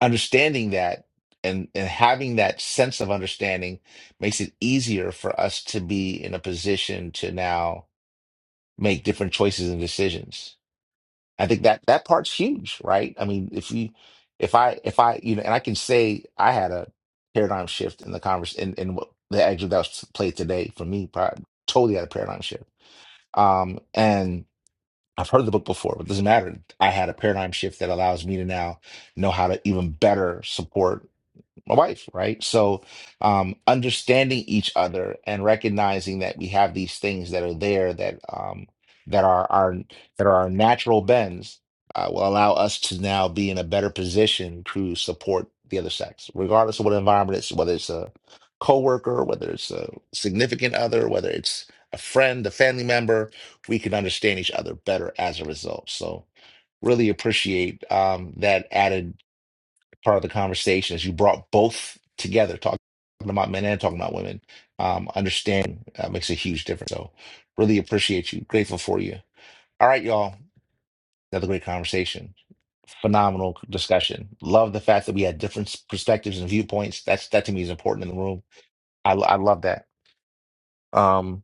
understanding that and and having that sense of understanding makes it easier for us to be in a position to now make different choices and decisions i think that that part's huge right i mean if you if i if i you know and i can say i had a paradigm shift in the converse in, in what the excerpt that was played today for me pri- totally had a paradigm shift um and i've heard the book before but it doesn't matter i had a paradigm shift that allows me to now know how to even better support my wife, right? So, um, understanding each other and recognizing that we have these things that are there that um, that are our that are our natural bends uh, will allow us to now be in a better position to support the other sex, regardless of what environment it's whether it's a coworker, whether it's a significant other, whether it's a friend, a family member. We can understand each other better as a result. So, really appreciate um, that added part of the conversation is you brought both together, talking about men and talking about women. Um, understanding uh, makes a huge difference. So, really appreciate you. Grateful for you. All right, y'all. Another great conversation. Phenomenal discussion. Love the fact that we had different s- perspectives and viewpoints. That's that to me is important in the room. I, I love that. Um,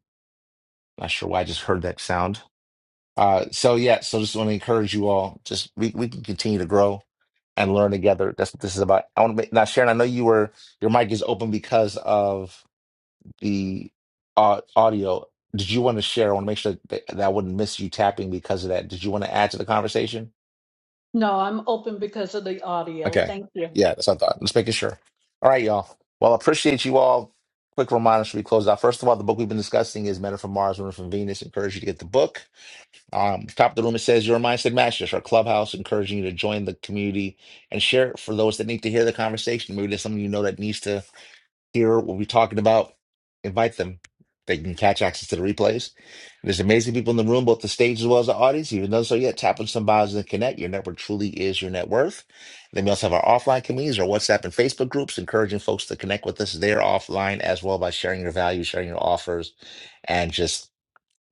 not sure why I just heard that sound. Uh, so yeah, so just want to encourage you all. Just we, we can continue to grow and learn together. That's what this is about. I want to make now, Sharon. I know you were your mic is open because of the uh, audio. Did you want to share? I want to make sure that, that I wouldn't miss you tapping because of that. Did you want to add to the conversation?
No, I'm open because audio.
Okay.
Thank you.
Yeah, that's what I thought. Just making sure. All right, y'all. Well, I appreciate you all. Quick reminder should we close out. First of all, the book we've been discussing is Men Are from Mars, Women Are from Venus. Encourage you to get the book. Um, top of the room, it says your mindset matches our clubhouse, encouraging you to join the community and share it for those that need to hear the conversation. Maybe there's someone you know that needs to hear what we're talking about. Invite them. They can catch access to the replays. There's amazing people in the room, both the stage as well as the audience. Even though so yet, tap on some bios and connect. Your network truly is your net worth. Then we also have our offline communities, our WhatsApp and Facebook groups, encouraging folks to connect with us there offline as well by sharing your value, sharing your offers, and just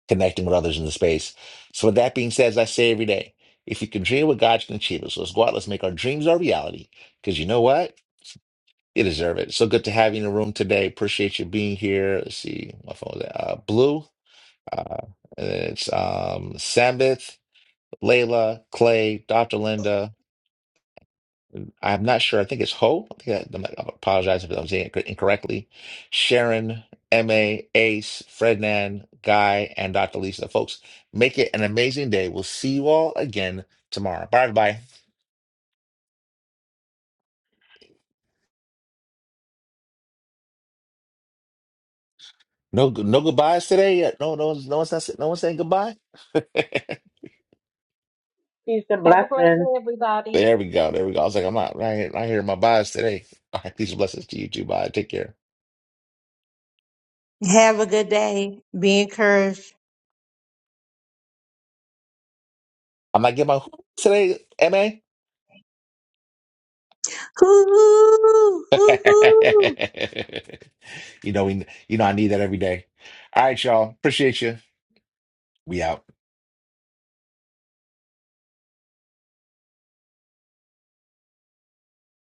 connecting with others in the space. So, with that being said, as I say every day, if you can dream what God can achieve it. So let's go out, let's make our dreams our reality. Because you know what? You deserve it. So good to have you in the room today. Appreciate you being here. Let's see, my phone was uh, blue. Uh, and it's um, Sambith, Layla, Clay, Dr. Linda. I'm not sure. I think it's Ho. I think I, I apologize if I'm saying it incorrectly. Sharon, MA, Ace, Frednan, Guy, and Dr. Lisa. Folks, make it an amazing day. We'll see you all again tomorrow. Bye, everybody. No, no goodbyes today yet. No, no, no one's not, no one's saying goodbye. (laughs) there
Peace and
Have a great
blessings.
day, everybody.
we go. There we go. I was like, I'm not right here. Right here, my buys today. All right, peace and blessings to you too. Bye. Take care.
Have a good day. Be encouraged.
I'm not getting my today, MA.
Hoo-hoo! Hoo-hoo!
(laughs) you know, we, you know, I need that every day. All right, y'all. Appreciate you. We out.